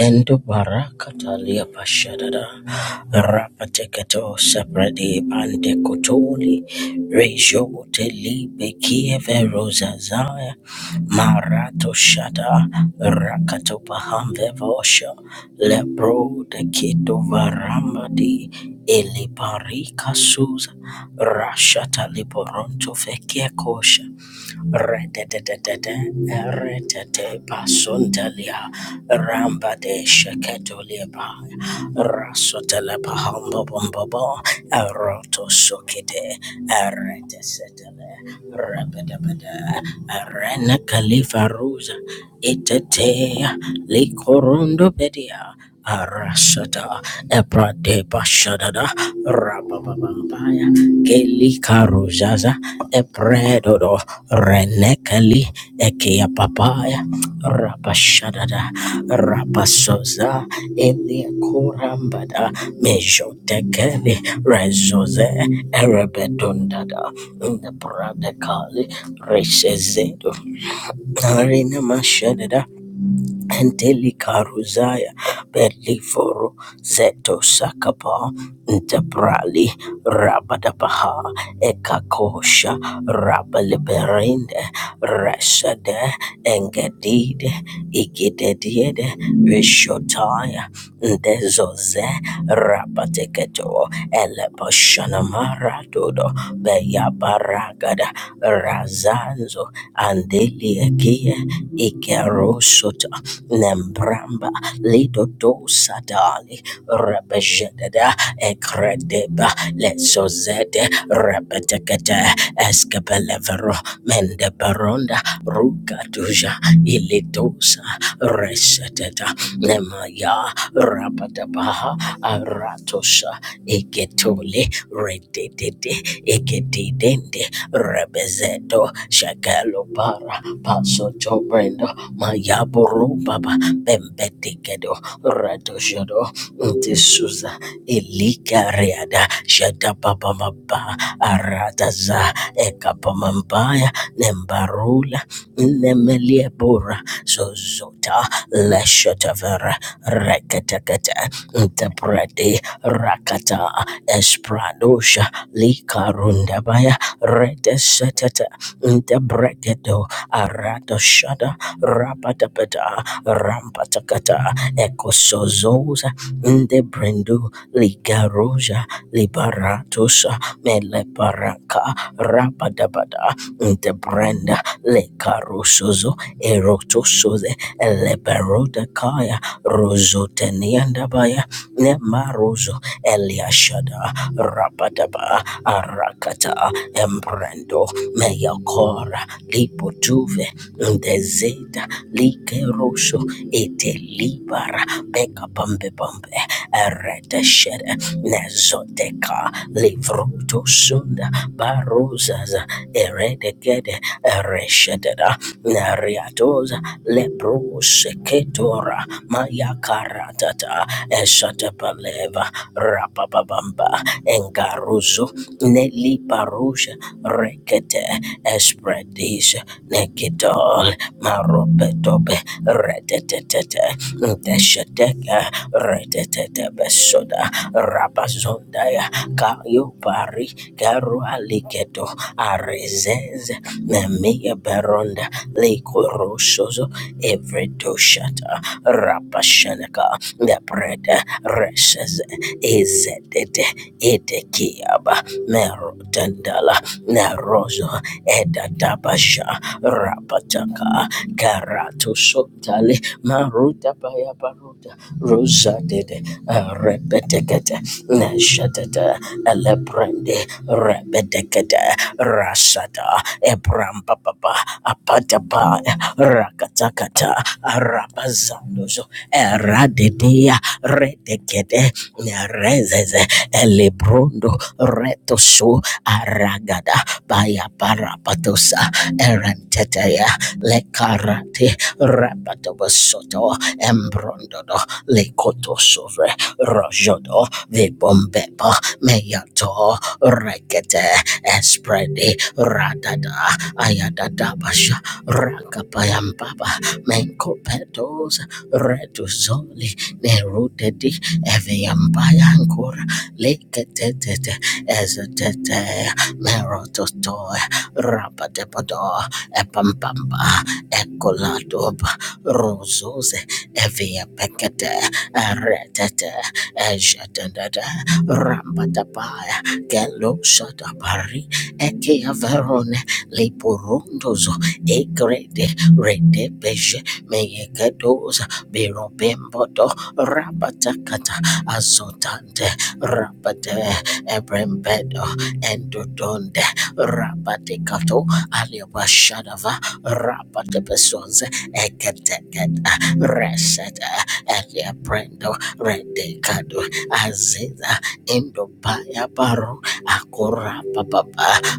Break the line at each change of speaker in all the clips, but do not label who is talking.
Lendo barakata lia pashadada rapateketo sepredi pande kotoli rejo teli bekieve rozazaya marato shada rakato pahamve vosha lebro de keto varamadi ili parika suza rashata liporonto fekekosha Redededede, eretete basundelia, ramba de sheketolieba, rasotelepa humbobobobo, eroto sokide, eretesetele, rebedebede, erene kalifaruza, itete, likorondo bedia, Arashata Eprade Bashadada Rabababaya Keli Karuzaza Epredodo Renekali Ekia Papaya Rabashadada Rabasoza Elia Kurambada Mejotekeli Rezoze Erebedundada Nepradekali Resezedo Arina Mashadada Antelicaruzaya Beliforo Zeto Sakapa Ntabrali Rabadabaha Ekakosha Rabaliberinde Resade Engedide Igidediede Vishotaya Ndezoze Rabateketo Eleposhanamara Dodo Beyabaragada Razanzo Andeliakia Ikerosota lembramba lidodosa dali rebejeda ekredeba lezozede rebetekete eskebelevero mendeberonda rugaduja ilidosa reseteta nemaya rabadabaha aratosa Iketule Redididi Ikedidende Rebezedo Shakalo Para Paso Tobrendo Mayaboru Baba Bembedekedo Radoshodo Ntisuza elika reada shada Elikariada Shadabababa Aradaza Ekapamambaya Nembarula Nemeliebura Zozota Leshatavera Rekatakata Ntabrade Rakata Espradosha Likarundabaya Redesatata Debregedo Arado Shada Rabadabada Rampatakata Ecosozosa Debrendu Ligaroja Liberatosa Meleparaka Rabadabada Debrenda Lekarosozo Erotosoze Eleberodakaya Rosoteniandabaya Nemarozo Eliashada Rabadaba Arakata Embrando Meyakora Lipotuve Ndezeda Likerosho Etelibara Beka Pambe Pambe Ereteshere Nezoteka Livroto Sunda Barosas Eredegede Ereshedera Nariatosa Lep Lebro Seketora Mayakaratata Eshatabeleva Rapapabamba Engaruzu Neli Paruja Rekete Espredis Nekitol Maropetope Retetetete Deshateka Retetete Besoda Rabazondaya Kayopari Garuali Ligedo Arezez Nemia Beronda Likoroshozo Evredoshata Rapashanaka Lepreda Reshez Ezedede Edekiaba Merotandala Nerozo Edadabasha Rapataka Karatu Sotale Maruta Bayabaruta Rosa de Dede, Repetekete, Neshatete, Elebrende, Rebedekete, Rasata, Ebram Papa, Apatapa, uh, Rakatakata, Arabazandozo, Eradidea, Redekede, Nerezeze, Elebrondo, Retoso, Aragada, Bayaparapatosa, Erentetea, Lekarate, Rapatobasoto, Embrondodo, Lekoto Sovre Rojodo Vibombepa Meyato Rekete Espredi Radada Ayadada Basha Rakapayambaba Menkopetos Reduzoli Nerudedi Eviambayankura Leketete Ezetete Merototo Rabadepodo Epampamba Ecolado Rosose Evia Pekete, Retete, Ejatendada, Rambatapaya, Gelo Shatapari, Eke Averone, Liporundozo, Egrede, Rede Beje, Meyekedoza, Birobembodo, Rabatakata, Azotante, Rabate, Ebrembedo, Endodonde, Rabaticato, Aliabashadava, Rabate Pesons, Ekete, Reseta Elia Prendo Rendekado Aziza Indopaya Baru Akura Papa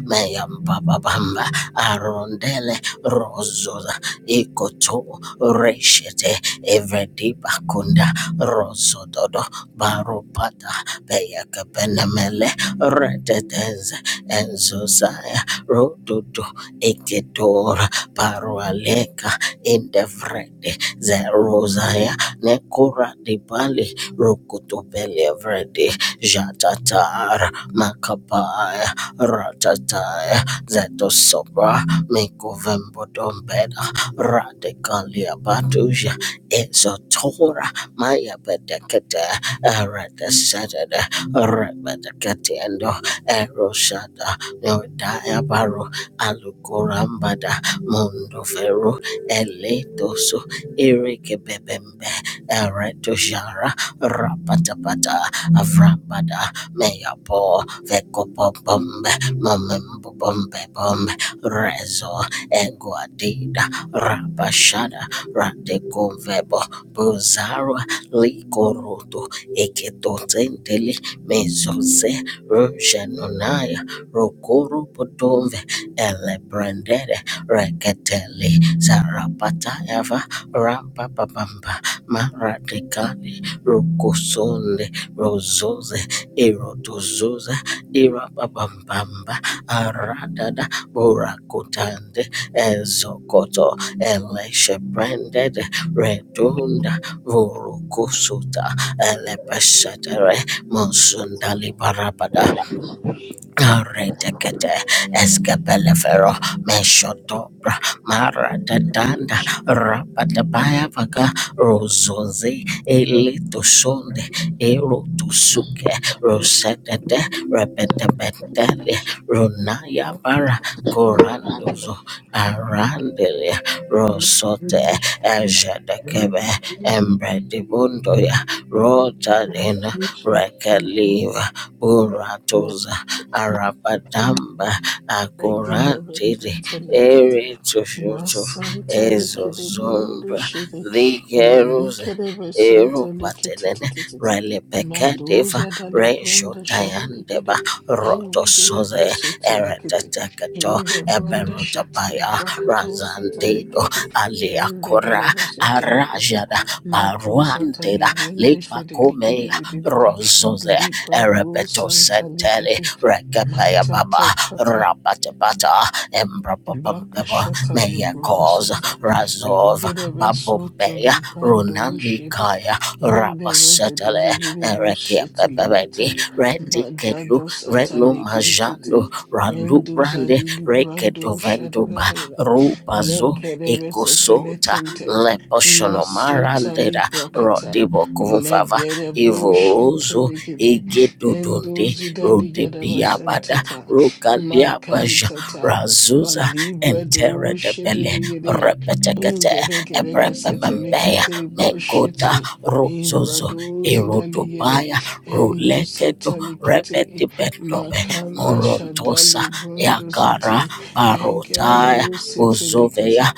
Mayam Papa Bamba Arondele Rozoza Ikoto Reshete Evredi Bakunda Rosododo Barupata Peyakapenemele Retetez Enzosaya Rododo Eketor Parualeka Indefred ze Rosaria Nekura Dibali Rukutubelia Vredi Jatatar Makapaya Ratataya Zetosopra Mikovembodombeda Radikalia Batuja Ezotora Maya Bedekete Eredeseted Rebedeketiendo Eroshada Nodaya Baro Alukurambada Mundoveru Eletoso Irikibibimbe, Eretushara, Rapatapata, Avrambada, Meyapo, Vekopopombe, Momembobombebom, Rezo, Eguadida, Rabashada, Radekovebo, Buzaro, Likoroto, Eketotentele, Mezose, Rushenunaya, Rokoro Potombe, Elebrandede, Reketeli, Sarapata Eva, Rapapapamba Maratekali Rokosonde Rozoze Erotozoza Irapapambamba Aradada Borakotande Ezokoto Eleshebranded Redunda Vorokosuta Elepeshetere Monsundali Parabada Karetekete eskepelefero meshotopra maradadanda rapatabaya rozoze eletoshonde erotosuke rosetete repetebetele
Thank
ronayabara korandozo arandelia rosote ejedekebe embredibundoya rotarina rekeliva buratoza Arabadamba Akurantiri
you,
Eri Tushutu
Masanta
Ezo
likidi burundi
Zumbra
shidi.
Ligerus
Malikere besente
Eru
likiti
Patelene
titi titi.
Rile Pekadeva
Maduza dali
Resho
brunda shada
Tayandeba
likidi.
Roto
Hindi gede
Soze
busiti likiti.
Eretetekato
Hindi brunda shata li
Eberutabaya
brakato sata
Razandido
likiti. Hindi
Aliakura
gede besete likiti.
Arajada
Matuza tali
Baruandida
brunda shidi likidi
Lipakumea
didi didi.
Rozoze
Libra do
Erebeto
santa
Sentele
likiti.
Rekapaya Baba
Matata tata.
Rapatapata
Baka
Embrapampebo
shata
Maya
libro da
Cause
sata,
Razov
eligere be soto
Babumbeya
librando ushiri,
Runalikaya
inde be
Rapasatale
zedeligiri bu
Erekia
shete likata,
Pepebendi
madada
Retikelu
sata
Renu
likintiti,
Majando Ralu
enduza
Brande
di librando ushada.
Rekedovenduba Rupazo
Lekerebe
Ekosota
seteletente. Masutali
Leposhonomarandeda
prakata.
Rodibo Kumfava
Legere
Ivorozo
bushintelikidi.
Egedodonde,
Endozi
Rodebiabada,
daligadabasantata.
Rokaliabaja,
Makantata.
Razuza,
Balibre do
Entere de Bele,
shidiligidi.
Repetekete,
Ingedegede
Ebrepembeya,
kasetelikite
Mekota,
brushiti.
Rozozo,
Ibradozi daligede.
Erodobaya,
Endo
Roleketo,
satalikite.
Repetipendobe,
Makanda
Morontosa,
shadali
Yakara,
brundositi. Engere
Barotaya,
burusete likata
Bozovea,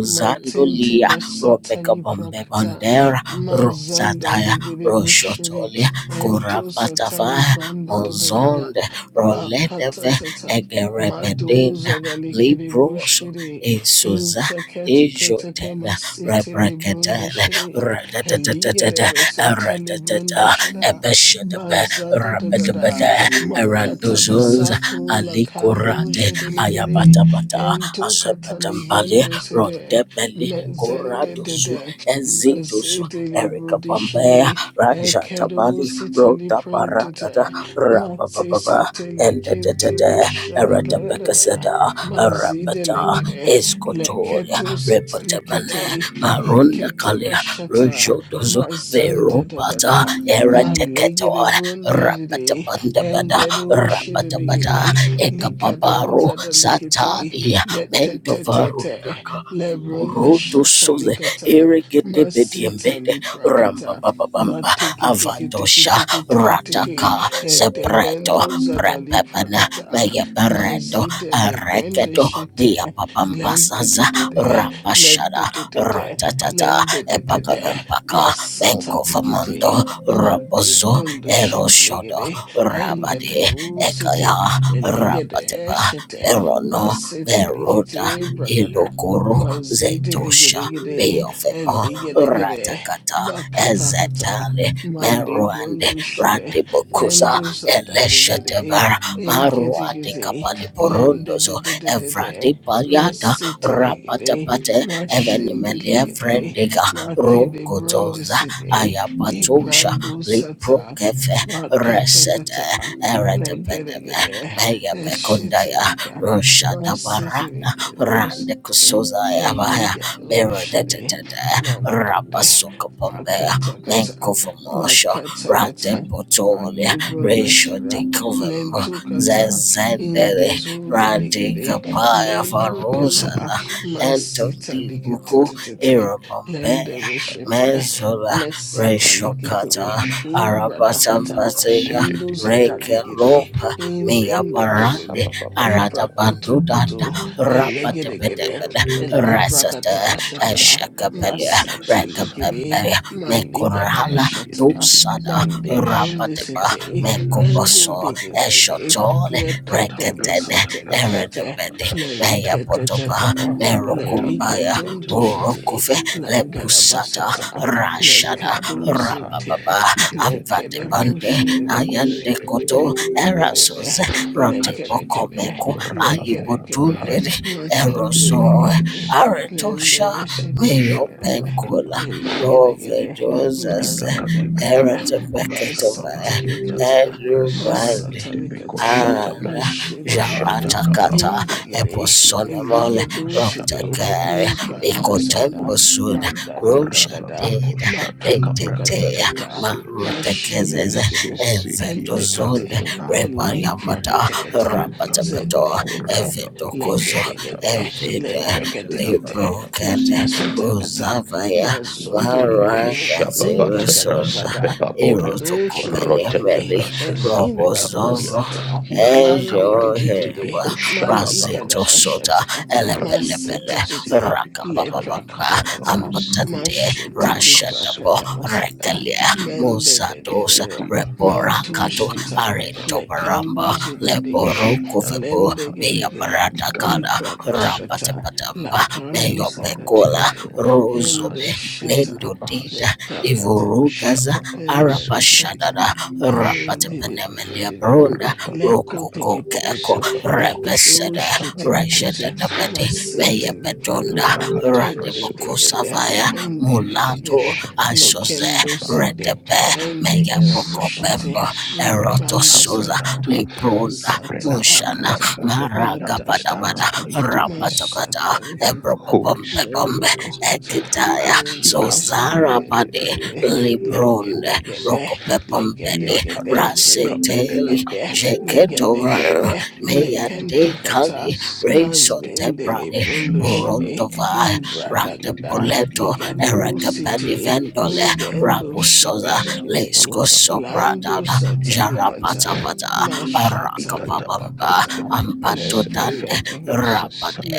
matente
Ropeka
basatani
Bombe
prakata
Bandera,
mazanda
Rosataya,
ligere bushere
Roshotolia
ento
Kurampatava
satali branda da da da da
Mozonde
bakata
Roledeve
tata
Egerebedinda
madoza da likere
Libroso
bushere
Isuza
inte kete kete ke
Ijotena
masete lebrunda
Rabrakatele
shere
Radatata
eligere besete
Ratata
lebrunda shara
Ebeshadabe
bazada da da da
Rabadabada Arandozons
Makatabasato Lakando
Alikorate
Shedelegere
Ayabatabata
Hento Katali
Asabadambale
Brende Sede
Rondebele
Mezende
Koradosu
Dede
Ezitosu
Mazedele
Erika
Brodi
Bambea
Shede Ekedo
Rajatabali
Sitali
Rota Paradada
Prentete Matse
Rabababa
Sitele
and the
Kinte Bashada Da Da Da Da
Eradabekasada, Arabata,
Mazidelegere
Escotolia,
Leketo
Repotemane,
Satalikete
Marunda
Inkete
Kalia,
Bashata
Rojodozo,
Mazanda Da Da
Veropata,
Da Malegere
Eradekator,
Brunde Dede
Rapatabandabada,
Hengeru
Rapatabada,
shidigiri.
Ekababaru,
Likadanza da likiti.
Satalia,
let te te te te,
Mentovarundaka,
Lebrun the
Boroto
shata
Sose,
likata.
Irrigate
Masita
Bediambede,
li
Ramba
prakata.
Baba
Ma
Ramba
tiki tiki tiki
Avadosha
tiki tiki tiki.
Rataka Sepreto
Edebendu zadali
Prepepana
prakata.
Megaberedo
Mazidele bende
Areketo Bia
shite. Lende de
Papampasaza
de de.
Rapashada
Lende de de de.
Ratatata
Lende de de de. de,
Epapapempaka
Masata
Benko
likiti.
famando
Mande
rapozo
brunda
Eroshodo
shite Engede
Rabadi
rusiti,
Ekaya
eligede
Rabatepa
eshete,
Verono
basete
Veroda
likete bragada,
Ilokoro Ro
mazete
Zetosha
ligede gede,
Beofemo
eligede gede,
Ratakata
bakata kata,
Ezetale Meruande
malibundu shide,
Radibokuza
endusa daligede,
Elesheteber
enkete
Maruate
kete,
Kapali
lende de
Porondozo
de de de de,
Evrati Paliata
masete ligede,
Rapatapate
mashende
Evenimelia
ligede,
Frendiga
makede
Rokotonza
brundisite,
Ayapatusha
ibrandu sata,
Liprokefe Resete
Makatakata,
Eretepedeme
Legeregere,
Meya Pekondaya
Deshitirika,
Roshadabarana
Rasitirika,
Rande
Musiri,
Kusuza Yabaya
Eligadoshiri,
Beredetata
Mandide,
Rabasuka Bombea
Makatakata,
Menkovomosha Rate
Makatakata,
Potolia Ratio
Malibundashara,
Dikovem
Lentukata,
Zezendere
Indezu
Rade
delegere,
Kapaya
Lemprukata,
Farusana Ento
Masita
Dibuku
ligatete,
Irabombea
Lenderishete,
Mezola
Nesata
Ratio
ligate.
Kata
Imbradakata.
Arabatambatea
Endos
Reke
adaligede.
Lopa Mia Barande
Imbrendebebebe.
Arada
Ibrakoto
Bandudanda
koto. Elegedegede.
rapatapatapata rasata
Elibrakata shata.
ashakapalia
Masata ligede.
rekapemberia
Maligadaba
mekorala
shata.
dosada rapatapa
Malibrundisete. Engo
mekoposo
digede.
eshotole reketene
Lekadebesete lekete.
eredebede
Lerikete tete.
meyapotopa merokumbaya
Leriketuntushite.
burokufe lepusata
Langadabasata.
rashada
Lekadusinte
rapababa
lekere
avatebande
boşere gire.
ayandekoto
Rendelere,
erasos
lekere kere,
rotebokomeko
lekere kere,
Ayibodunde
mastere
Eroso
kere, lende
Aretosha
beşetere
Mayo
kere,
Pencola
elli gere
Rove
gere,
Dozas
marda da da da,
Erete
bas
Beketova
tarikata,
Elu
bas
Brandi
tarikata,
Ara
maşere gire,
Jarata Kata
ende gire, elli
Eposonomole
gere dosire,
Rotakari
impranda sada,
Mikotembosuda
madda da da
Roja
da da,
Deda
makanto kata
Retetea
kata,
Marutekezeze
Mashinikidi. And
Enzedozonde
tikete and
Rebayamata
deprakata
Rabatabato
zendede
Evitokozo,
legedegede le
Evide,
preketekete la
Librokete,
tasatakata
Uzavaya,
mazondo ligede
Maranga, Sirisosa,
ingagagaga ikadoshi
Irotokopene,
delegede
Meli,
and librado
Robozovo,
sata mande
Ejo
dididide
Hereba,
malika
Rasito Sota,
dabashata
Elepelepele,
masetete le
Rakapabamba,
prakatakata
Ambatante,
mashete
Rashatapo,
liprakadabasada
Rekalia,
Mende de de
Musatos,
de Mendedededede, mentum
Reborakato,
shata, lekando
Arentobaramba,
zididegede,
Leboroko Vebo,
lendegedegede,
meyaparatakada
liprakatakata,
rapatapatamba
lakando
meyopekula
sadadegede, endo
ruzobe
shata,
nendodida
letakatakata,
ivurugaza
lendegasata,
arapashadada
eh, dididididididi,
rapatepenemeliabronda
lenko
rokokokeko
tikitikiti, lekado
repesede
shitilikiti,
reshedadabede
masinti
meyepedonda
liprakata, edededede,
radebokosavaya
endegedegede,
mulato asoze
lekendoside
redepe
endegerabushite
meyapokopembo erotosoza
imprandasada
libronda
basata
Mushana
akata
Maragapadabada
matashata
Rapatabata
mashatarikata
Ebrobombe Bombe
lendereshita
Ekitaya Sozara Pade
endereshidededede
Libronde
legedegede
Rokope Bombede
legedegede
Raseteli
legedegede legedegede
Jeketover Meyande
lekentukata
Kali Resote Prade
mazendelebondoshide
Burondova
ibradagada
Ratepoleto
ikadosite
Erekapedi Vendole
Ingendo
Rapusoza
shiteligiti,
Lesco
lando
Sobradana
satalikata,
Jarapatapata
mashata
arakapabamba
ipakata,
ampatotande
leprekelegede,
rapade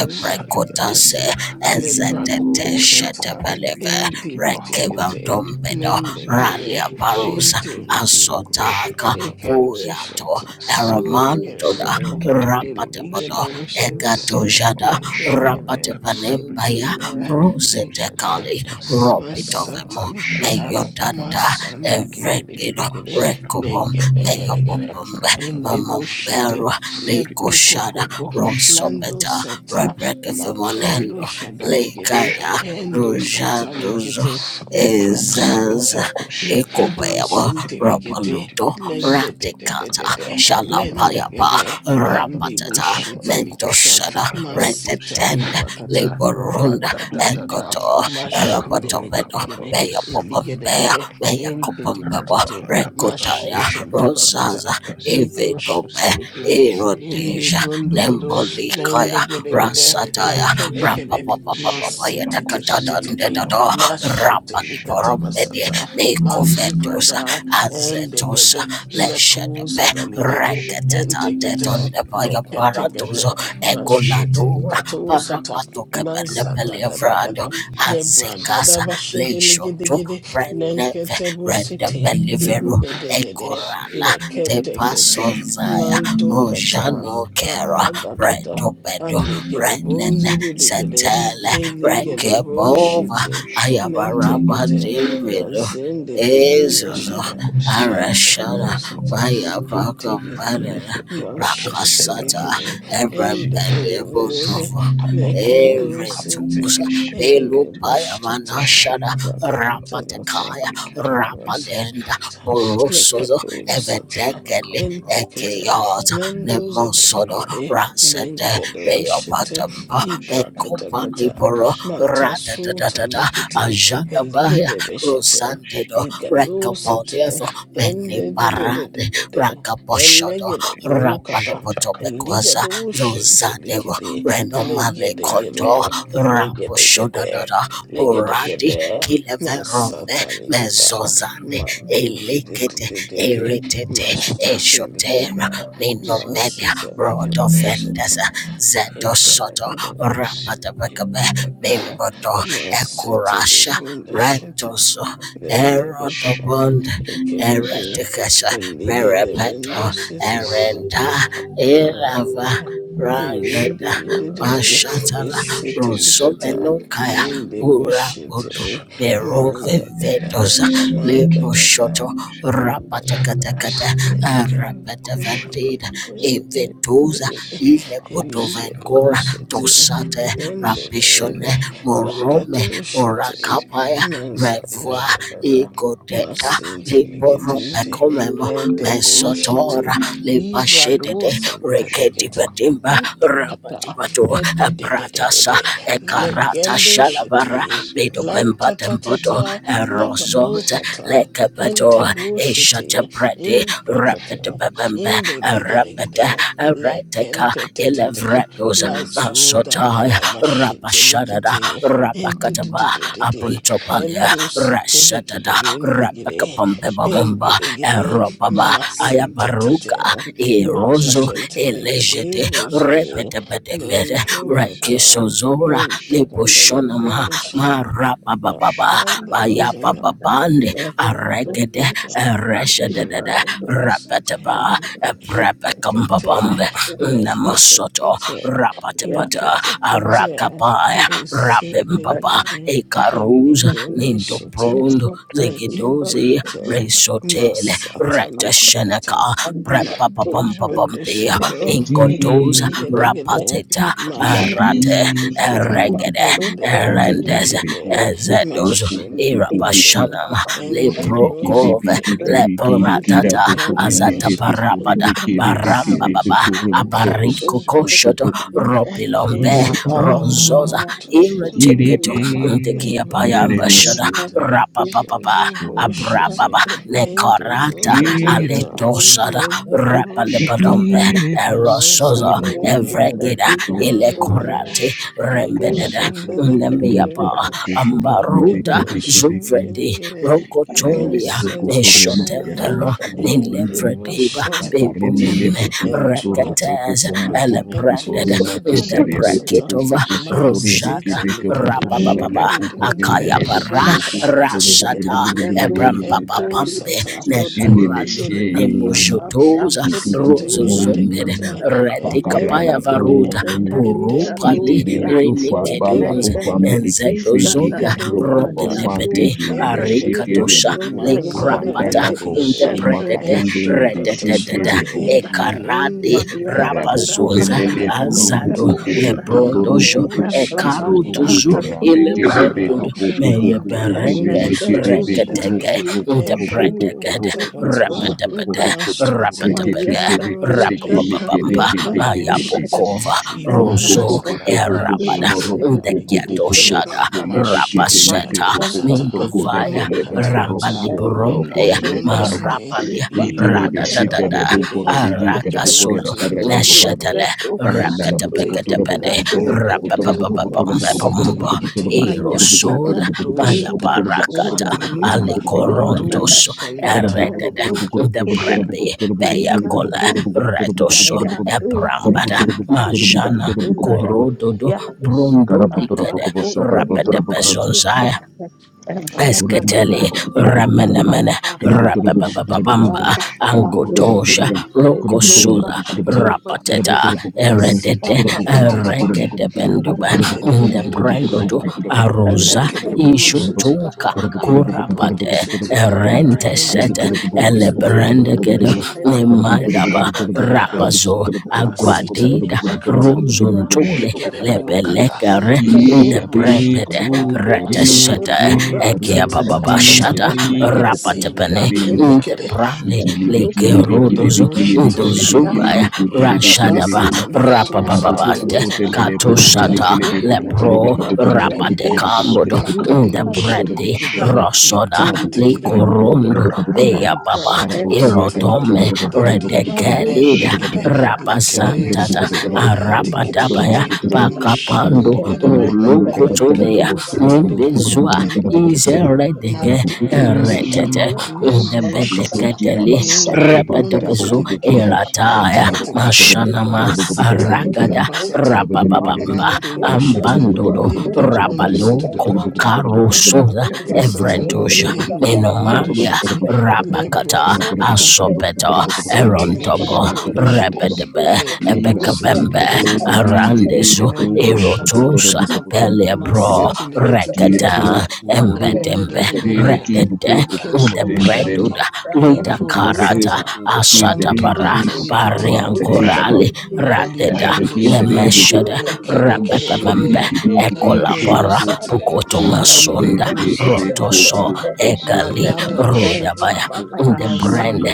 ebrekotase ezetete
leprakusata,
shetepeleve
intibitigiti,
rekebautombedo
lendegede,
raliaparusa
intibitigiti,
asotaka puyato
ikantushata,
eramantoda
lengelegede,
rapatebodo
iligede shinte,
egatojada
lengelegede,
rapatepanembaya rosetekali
ingelegede,
ropitovemo
Masatalikata
meyotanda
masanda
evrekido
ligirigirigiri
Rekobom
legedegedegede
Peyopopumbe,
indeboshete
Momombero, Leikoshada,
lekokokoko lando
Rosobeta,
sata makando
Rebrekefimonendo,
shadaligede
Leikaya,
endo
Rujaduzo,
satalikete iprakatakata
Ezaza,
lekedo
Ikupebo,
sintelikete
Ropaluto, Ratikata,
lededededede
Shalapayapa,
lendegede
Rapatata,
landeboshetelikata
Mendosada,
masita
Retetende,
liprakata
Liborunda,
madadadada
Ekoto,
Machine delegate,
Erapotopedo, Peyopopombea,
illegate,
Peyakopombebo,
intititititi,
Rekutaya,
machine telepakata,
Rosaza
eto
Evedobe
shatalikide, indi
Erodeja
brundugudu,
Nembolikaya
lendegelegede,
Rasataya
lekedekede, masitititititi,
Rapapapapapapayadakatadandedado Rapaliporomede
mashitelikatamasata,
Mikovetusa
malibrada,
Azetusa
endegede,
Leshedebe
lekuzadaligede, entekete,
Reketatatondepayambaratuzo
leketekete,
Egoladura
mashitelikatosata,
Parapatokebelevelievrado
mazadadadadada. Lebra
Azekasa
gadaba shedele gede
Leshoto
gede
Brandneve
lenkete bu siti
Rendebelivero
inde de de de
Ekorala
lekete kete
Tepasozaya
manto kata
Mojano Kera
adakata
Reto Bedo
aligede
Renen
bonzi diligede
Setele
eligede bo
Rekebova
shiti lente
Ayabaraba
kete na
Dimvido
zinde de bina
Ezuzo
shada lekado
Arashana
sita
Maya
ente kete
Pakambadana
mashiti
Rakasata
ligede ende de
Ebrambele
de de de
Botovo
lekede bu siti
Eretusa
Hey, it was
Belupaya
shit. It's a,
Manashana
it's a,
Rapatekaya
it's a,
Rapalenda borosozo
Lekatosata
evedekele
entekete
ekeyota
mendoze
nemonsodo
delegede
ransede
lenkedo shete
Beyopatampa Mekopa
iprakatakata
Liboro rada da da
matasuta
veyopatemba mekopaliboro radadadadada
likete
ajadabaya
eligede beshete
rosandedo
igado sete
rekapolievo
ende de de de
meniparade
de de endededededede
rakaposhodo
elegede bukata
rapalipotopekwasa
eligado shente
zozadevo
likede legedegede
renomalekonto
legedegede
raposhodadada oradi
legedegede
kileverombe
masata likada
mezozande
Ma, bindi di di
Elikete,
di di di Ma,
Eritete,
shiti likana
Eshotera,
Ma,
Minomelia,
shiti likana
Rod
Ma, Mabindididididi, mashitilikana, masitilikana, washata,
Offenders, Zeto Soto,
ikalakadakada,
Rapatabakabe,
idakada,
Mimboto, Ekurasha,
masitilibunda shata,
Rentoso,
dendekete,
Erodobond,
ikiligiri,
Ereticasa,
iligiri, windu
Verepeto, Erenda, Elava,
Eka,
Ragada,
elindididididi,
Mashatala,
esitelikata,
Rosomenunkaya, Urabutu,
eleboshete,
Berove
mandagada,
Vedosa,
mandagada,
Liboshoto
mandagada,
Rapatakatakata
eka,
Rapatavantida Evetuza Ilebutovankora Tosate Rapishone Morome Morakapaya Revoa Igodeka Liboropecomemo Mesotora Libashede Rekedibatimba Rapatipato Apratasa Ekarata
Legendo
Shalabara
shitty,
Bedo Bemba Temboto
lantatatata,
Erosot
lakadokata,
Lekepeto
entebo
Eshate
shitty,
Predi Rapid
imprecate,
Bembe
in the
Lord,
Rapid
beginning, le
Ereteka
kente te te te,
Elevredos
la
Lord,
zuda
Masotai
gada bashite
Rapashadada
likiti, endu di di di
Lord,
Rapakataba
di di,
Apuntopalia
endu siti likiti
Rasadada
bindigiri,
Rapakapambeba Mumba
ingirigiri,
Eropaba
Lord, Lord,
masente te te,
Ayaparuka Erozo
Lord,
mashete
Ele
Lord,
likiti
lejede
buziri,
repete bede mede
lempo
we come
kata,
after
rekiso zora
enta
you,
kata
but
liposhona ma
libunda shada,
mara
we
baba
da
baba
can't
kanda
baya
worship
bazada,
baba
you.
bande
le
Everyone
kato
that
aregede
comes
kata.
up and
ereshede
gives
dede
us
Machine,
the
and
repete ba
fire
the
of the
eprepe kambabambe
Spirit, we
namasoto rapate
are
bata
thank
arakapaya
you, but
rabimbaba ekaruza
not let
nindo
the force
prondo
of God be
zegedozi
us and not
resotele
upon us,
Redesheneka,
and we are those that
Prepapapampapampia,
give us
Pakiti
and not let the
Ingodoza,
force
Rapatita,
kilapi
Arate,
be lost,
Eregede,
kalabuku
so
and
that we
Erendes,
are
remekirebe kuku, kuku,
thankful.
Ezedos,
kuku, kuku, kuku, kuku,
the
Irapashanama,
Baba
kuku,
and the
torebe,
başka
rose
kipi,
Leprokove,
piki,
kursa
day.
tiri, kiri,
değil,
kira,
Ele
Leporatata,
puku,
hazır
canta,
Azata
renele,
başka
oxenta,
kuku,
kursa değil,
barabada
başka
mas
remekirebe,
kursa
Baramba
kirebe,
sente,
Baba,
kuru,
ele canta,
motoro,
başka
Abariko
muku,
oxenta.
muku,
Koshoto,
puku.
Ropilombe,
imapa
Basata,
Rozosa,
yerde
Irreticato,
tirebe
bir
Matutututututu,
başka
Ndekia shada
eremasu
Nebuchadnezzar,
başka kursa
rapapapa
bir
koroboku
Medebushiti,
abrababa
başka ben
Hindi
lekorata
anlayıp
Brokatata,
kirabu
aletosada
kursa bir
Medebukata,
rapalebadombe
başka ben
Mikire pu
la
erosozo
kursa
purukum
Marasadavigaro,
evrekida
bir
rekotonoku
başka
ilekorate
ben ben bir kursa bir
rembedede
başka
karatoku
kursa
pokuru
nemiapa
Hikatandavigare,
kuku tokuri peke
ambaruta
Lakadosh,
peke peke
zuvredi
Indigare,
kira
rokotolia
mokuru kotorema
Masatavigare,
kira
meshotevero
mokuru kum
Hindi
nilevrediba
kursa bir
Bushiti, Likati,
pakarinele
bebumeme
poku
başka
kutoroku
reketez
poku
Entukatakata.
mokuru
elebranded
Etula
kutorema
the
gada
keterebe
pasata
bracket
kupu
over
kupu kutorebe
Rojada
masete
kebe
lekede
kapukurinala
bondi
Rabababa
de de de de de
Akaya
kukurinale poku
Bara
mokuru
Alligators
mashete
kuru kuru kuru kuru
Rasata
kuru kuru kuru kuru
lekede
kuru kuru
Ebram
kuru kuru.
Papa
eto
Pambe
sata
Batini
Nekuralu
meshe
eligede bashata
Nemojotoza
masite
Rozo
Kikukurumum,
Kutolipa
lente
Zombere
kete
Kundaraba Ela
Redikapaya
Pakaramato,
edembrigede
Varuta
Useteliga
Burupali
edebringede
Itereme
Duvia
ufa bala
Rinikedons
ufa
edebringede
me
Enzedo
ikifiki
Meleketsikata
Zonda
eligedo
karuku
kata
bafa
Bayabu
Robelepete
piki
edebringede
lemeshike
Shataliba
Arikatosha
rebokuruku
mazada
bandala
Lebrapata
Sundayandikiti
ligede gede
kokukuma
Ndebredede
karinde
eto
Ebrebeshete
kata
lebishike
Libra
Rededede
shite
rebokumu.
Sundaya
ekaradi.
lende
Di
de
Maya
de de
Rapazonza
Bakakata
Karapukurinele
Liga
Azado
Lekandakata,
Sundaya
Lebrondojo
Elewoshiti,
Ekarutuzu
Merabasaka
kurungupukupukurukutorame
Libra
Ilebrendud
Lekozada,
Sundaya
Mande
Meyebereke
Brendo Soto
Eleketusha
Reketeke
Nikiti,
Ilka Dubu
Ekendo
Ndebredeke
Katakata,
Rapedebede
Libra
Mashiti,
Maria
Rapedebege
Katusha
Likidebrozidi,
Rapababamba
Taliba
Lekado
Sundara
Shiti,
Mayapokova
Kuroko
Era
Ibranda
Rozo
poko
Sada,
Bosta
poko poko
Erabada
noroko
Mazada
Gede
poko
Ndegeto
poko
Ligidegide,
Era
doko
Shada
dele
Baba
deke
Mashiti
dele
Mazda
Rapaseta
deko
Ligado
poko
Sata,
doko deke
Mindovaya
lebe
Sundara
Ramba
koroko
Makatakata,
poko
Elisa
roko
Ende
neme
Liberombeya
Katusha
karabako.
Brondesidi,
marapalia
Lipa
Itili
Ibranda
Kosta
bishike de
radadadada
Sada
Taliba
bidike de
Sundara
bukore de
arakasuzo
Ikadoze
karre kara
Merla
bukore ba.
bididididide.
neshetele
Karre
Katusha
nana buko
Entikite.
butoro
Evli
buko
repetepeketepede
butoro buko
Katusha
butoro
Ligedebekete.
buko
Taliba
butoro buko butoro
Sundara
rapapapapapambepombo
buko butoro buko
Masitelekete.
ali
butoro
Maria
buko
Tata
Edibakoto
butoro buko butoro buko
shata.
Libra
butoro buko butoro
mayaparakata
Kota
buko butoro
Matakata.
buko
Lipa
Eto
Sundara
satalikata.
Elisa
erede de
Katusha
debrebi beyakola
inakuza
retoso
maya tuzu
ebrambada
kubalika
majana
tunda ya
Corododo
ya
brundo korododo brondodikede
arakunde liba sura
rapedebezonzaya
Karabutura
erapapapa
Eskateli Ramenamene
apapapapapa
Rabababamba
Shitelekete.
Angotosha
amerere ezuka
Rokosuza
liba
Endebashatalikata.
Rapateta
tuza
Eredede
papapapapa
Masitelekete.
Regede Benduba
arapapapapa
the
Mededededede.
tunda
Brandodo
ya
Arosa
Mekede
elekete
brushete.
papa
Ishotoka Kurapade
papa
Endebrundeshete.
Erente Set
Entike brusete.
papa
Elebrendegedo
Lebrundesheta.
Nemayaba
papa
Madadada.
Rapazo
Masita
Aguadida
librakata.
Libra,
Rosuntole
Lekedebukata.
Lebelekere the
Kirapi, kuru,
Brembede
keri,
Rete
Indibushitenikadabasata.
kuri,
shada ekia
karum,
baba
api,
Matatatatata.
bashada
Thank
teri,
Mazinde
rapatepene
kepukubumuntarerin.
likendekede.
nteprane
Ikili bikili bikili
legerodozo
bikili bikili bikili
Lindebushitikede.
ndozubaya
bikutili bikili
rashadaba
bikili.
Indabasata
Karapuku
rapabababante
puku
likatusatatata.
telele puku rebe
katushata
kelebe
Madadadadada.
kuputore be
lepro
kaputore be kaputore
Malikidegede.
be
rapadekambodo
kaputore be kaputore be
Makando
kaputore be
ndebredi
kaputore
shitelegede.
be.
rosoda
Karapuku
Itikitikide.
putore be kaputore be
likorondo
kaputore be.
beyababa
Librakata
Karapuku re
basata
karaputore
likidi
irotome
be
di di di
kaputore be
di
kaputore be kaputore
redekelida
lende
be
gede
kaputore be.
lekede
Karaputore be
rapazantata
sete
kaputore
ente kete kete
arapadabaya
be kaputore be kaputore be kaputore be.
mashede
Karapuku
pakapando
ligada
putore
ba
be
ruluko
buru karaputore be
eligado
kotomea
kaputore be kaputore
satalika
be
mbezua
kaputore
ente
be
kete
kaputore be.
you.
izeredege
mate
Thank
kabasata
retete
Karapuku.
lembro shata
ndebedeketeli
ende brundi zidi
repedobezu
ligidi ente
erataya
kete kete
mashanama
masata likada
ragada
basata
rapababamba
mandu
Rasa
shete
ambandodo
edi brundi sete da
rapaloko
da da da da
karosoza
makata sata
evredosha
ende brundi
menomalia
shete
rabakata
Lebra zakata.
asopeto
Masinte likide
erontobo
brunde shide.
repedebe
Le kado siti
ebekabembe
likititititi.
arandezu
Lembro
ero
shata
Erotusa,
likata.
Peliabro,
Masiti
Kira
Rekata,
likititititi.
poco, moro,
you.
Lende de
Embetembe,
poco,
de de
tarem,
de.
equivoco,
Redede,
Le
Master,
poco,
kede bu
potentarem.
shide.
Debretuda,
Le
Luta
pro
Karabukutere
Karata,
kasata.
buku bakil tere
Manto
Asatabara,
kibe
kata
kabu kaba tere
likititititi.
kabam.
Pariankorali,
Ma
Radeda,
librende
Karabekin tere
shide.
buku
Nemeshada,
kubu
E kede
kubum
kede
buku ribi
Rapepembe,
kede.
bibi kibe
Ende
kibu
Ekolabara,
kubu kubu
brusite.
kubu kubakare
Lende
Pukotomasunda,
tere kibe
brusete
kubu kubu
Rotoso,
likata.
kubu kubu
Ekali,
kubu
Malada
kubu kubu kubu kubu
bashata.
Rudabaya,
kubu kubu kubu
Debrende,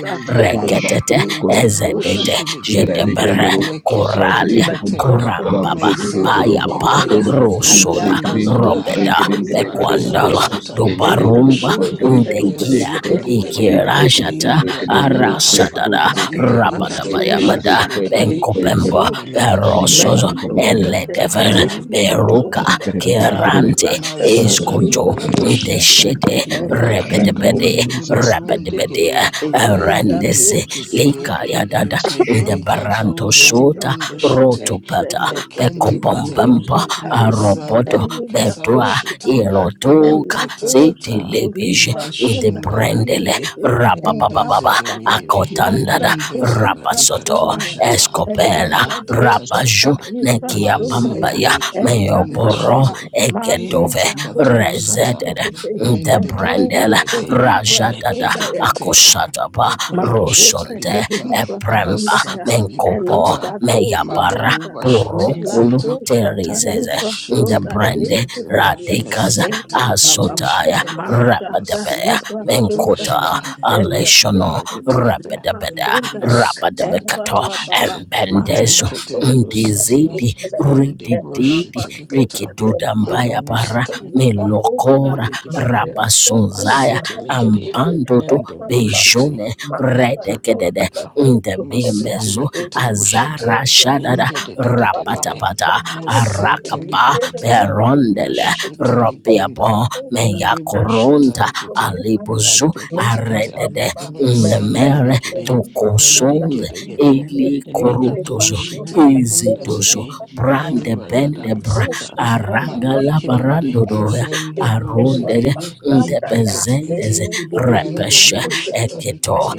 Kala ba
Reketete,
koro kuku kuku
Ezedede,
keraa
Intebrusheteligidi,
bikaem
Jedebere,
baro kuku kumba
Koralia,
yakinikuku
Leketeketekete,
Bendete
kara
te
puku
Kurambaba,
puku
libra
turo puku puto
Payapa,
Mezedeligidi,
sondaya,
nuku puku puku
Rosoda,
bing bing kumbung
Imbrandazada,
kumba
ayabasuka
Robeda,
to
ykeden keden
libra
kado
Ibrakata
kumbang
Bekwandala,
sondaya,
kumbang
Basata
keden keden
Ligidi
ela
kado
Dubarumba,
kumbang
posa
Wushiri,
kedi kado kedi
telebe,
Ndekia,
kado kuku
ela
Ezideligidi,
kumbang kedi kado kuku
ketelebe,
Ikirashata,
kumbang kedi
ira
Imbradagada,
Arasadada,
bababa,
kado kuku kumbang
Ezidelikatu
kedi
asuka
kado kuku kumbang kedi kado
Rabadabayamada,
kuku
ta
Sheteligidi,
kumbang
libra
kedi
Benkopembo,
rosa,
Sendelegidigidi,
Berosozo,
mezote te
Eledever,
Makantakata,
eliga
Beruka,
bosa,
kado
Makantakata,
Kirante,
mazata te
Mazada
Escoto,
libra rosa
Librunda
ta,
Ndeshede,
kumbang
elebe
Ipakatakata
Rebedebede,
rosu,
kedi
likili
kado
te
Rabedebede,
brundigiri.
eliga
rendese
dos,
Indidididididi.
Lika Yadada,
Ibigiri kazu
Ndebaranto Su,
dili
Shota
marabashakele
brundushiti.
Rotopata
ezekete liba
Lekentekete.
rusha
Bekopompampa
taliba
Lazanda
Aropoto
eliga
Bedwa
likasarashiti.
tuzanda
Irotoka
elebushu
Matatatata.
Zitilibish
tulibra
the
sunda
Brendele
Mashindeligiri.
handikete
Rapapababa
eraba baba
Endezedeligiri.
masha
Akotandada
tulibra
Rapasoto
sunda ya
Endezadalikatushata.
Escopela
elega dusha
Rapaju
Matatatata.
talibra
Nekia
sunda ya
Bambaya
Mazindelikiri
eraba
Meoporo
baba
brundushiti.
Egedove
maliga tuzu
Intikatusata.
handikete
Rezeted the
Mende, de de de
eruku
Brendele
de de
tulibra
Le
Rajatada
sunda
kete Mendedededede, leketekete,
Akosataba
lebrondo
kata
Mazote
Rosonte
shatalikata,
Teribra
epremba
Sondaya
menkopo
masatalibrakata,
Elikadosu
meyabara
Honda
maloba
Yes,
porokulu
shatalikata,
Melakosha
terizeze
Talibra Sonda
ndebrende
mashetelikata,
Eketelia
radikaza
Ela Baba
mesentelikatu
asotaya
shata,
Mashata
rabadabeya
Libra
masatalikata
menkota
Sondaya
bashata,
aleshono
kete.
Elekoto
kete
Libra
rabadabeda
Sondaya Ela
rabadabekato
Baba
Asatalikatoshiki,
embendezo
Master Libra
Leketendusete,
ndizidi
Sondaya Ela
ridididi
Baba
Indebroshitelikata,
rikidudambaya bara
Libra
Madusatalikada,
Hosha
melokora
Elegedegede,
rabasunzaya
Melakadosu Honda
Masetelikede,
ambandoto
eketelia
Indebroshite,
bejone
Masha
redekedede
Kodiba
Lagadabakata,
in the
Osu Kodia,
bemezo
Masetelikete
Elita
Bushite,
azara
Osu,
shadada
and Papa,
Indededededede,
rapatapata
Mashu Kitty,
arakapa
the
Mesentelikatatata,
Osu, and
berondele
the Kitty,
Mashitelikbunda,
Ezra
ropiapo
Osu,
meyakoronta
Alita
Indebroshitalikete,
Osu Santa,
alibuzu
Mena
Meteketekete,
Papa
aredede
Papa, Menzeke,
nemere
the
Mezendeligede,
Riba Sunda,
tokosonze
and the
Eligedegede,
Kitty,
eli
Ele
korutozo
elikatoshitele
Pasuhana, and
bondozede,
ezidozo
Osa Kata,
brande
Mena
bende bra
imbragadakasata,
Gosha, and Riba
aragala
Sunda,
malekedegede,
and the
barandodoya
Kitty, Ele
lendebozede,
arondede
Pasanda,
impreketekete,
ndebezendeze
Ele Osu, and
repeshe
the Kitty,
eketo
lendeboshatalikete,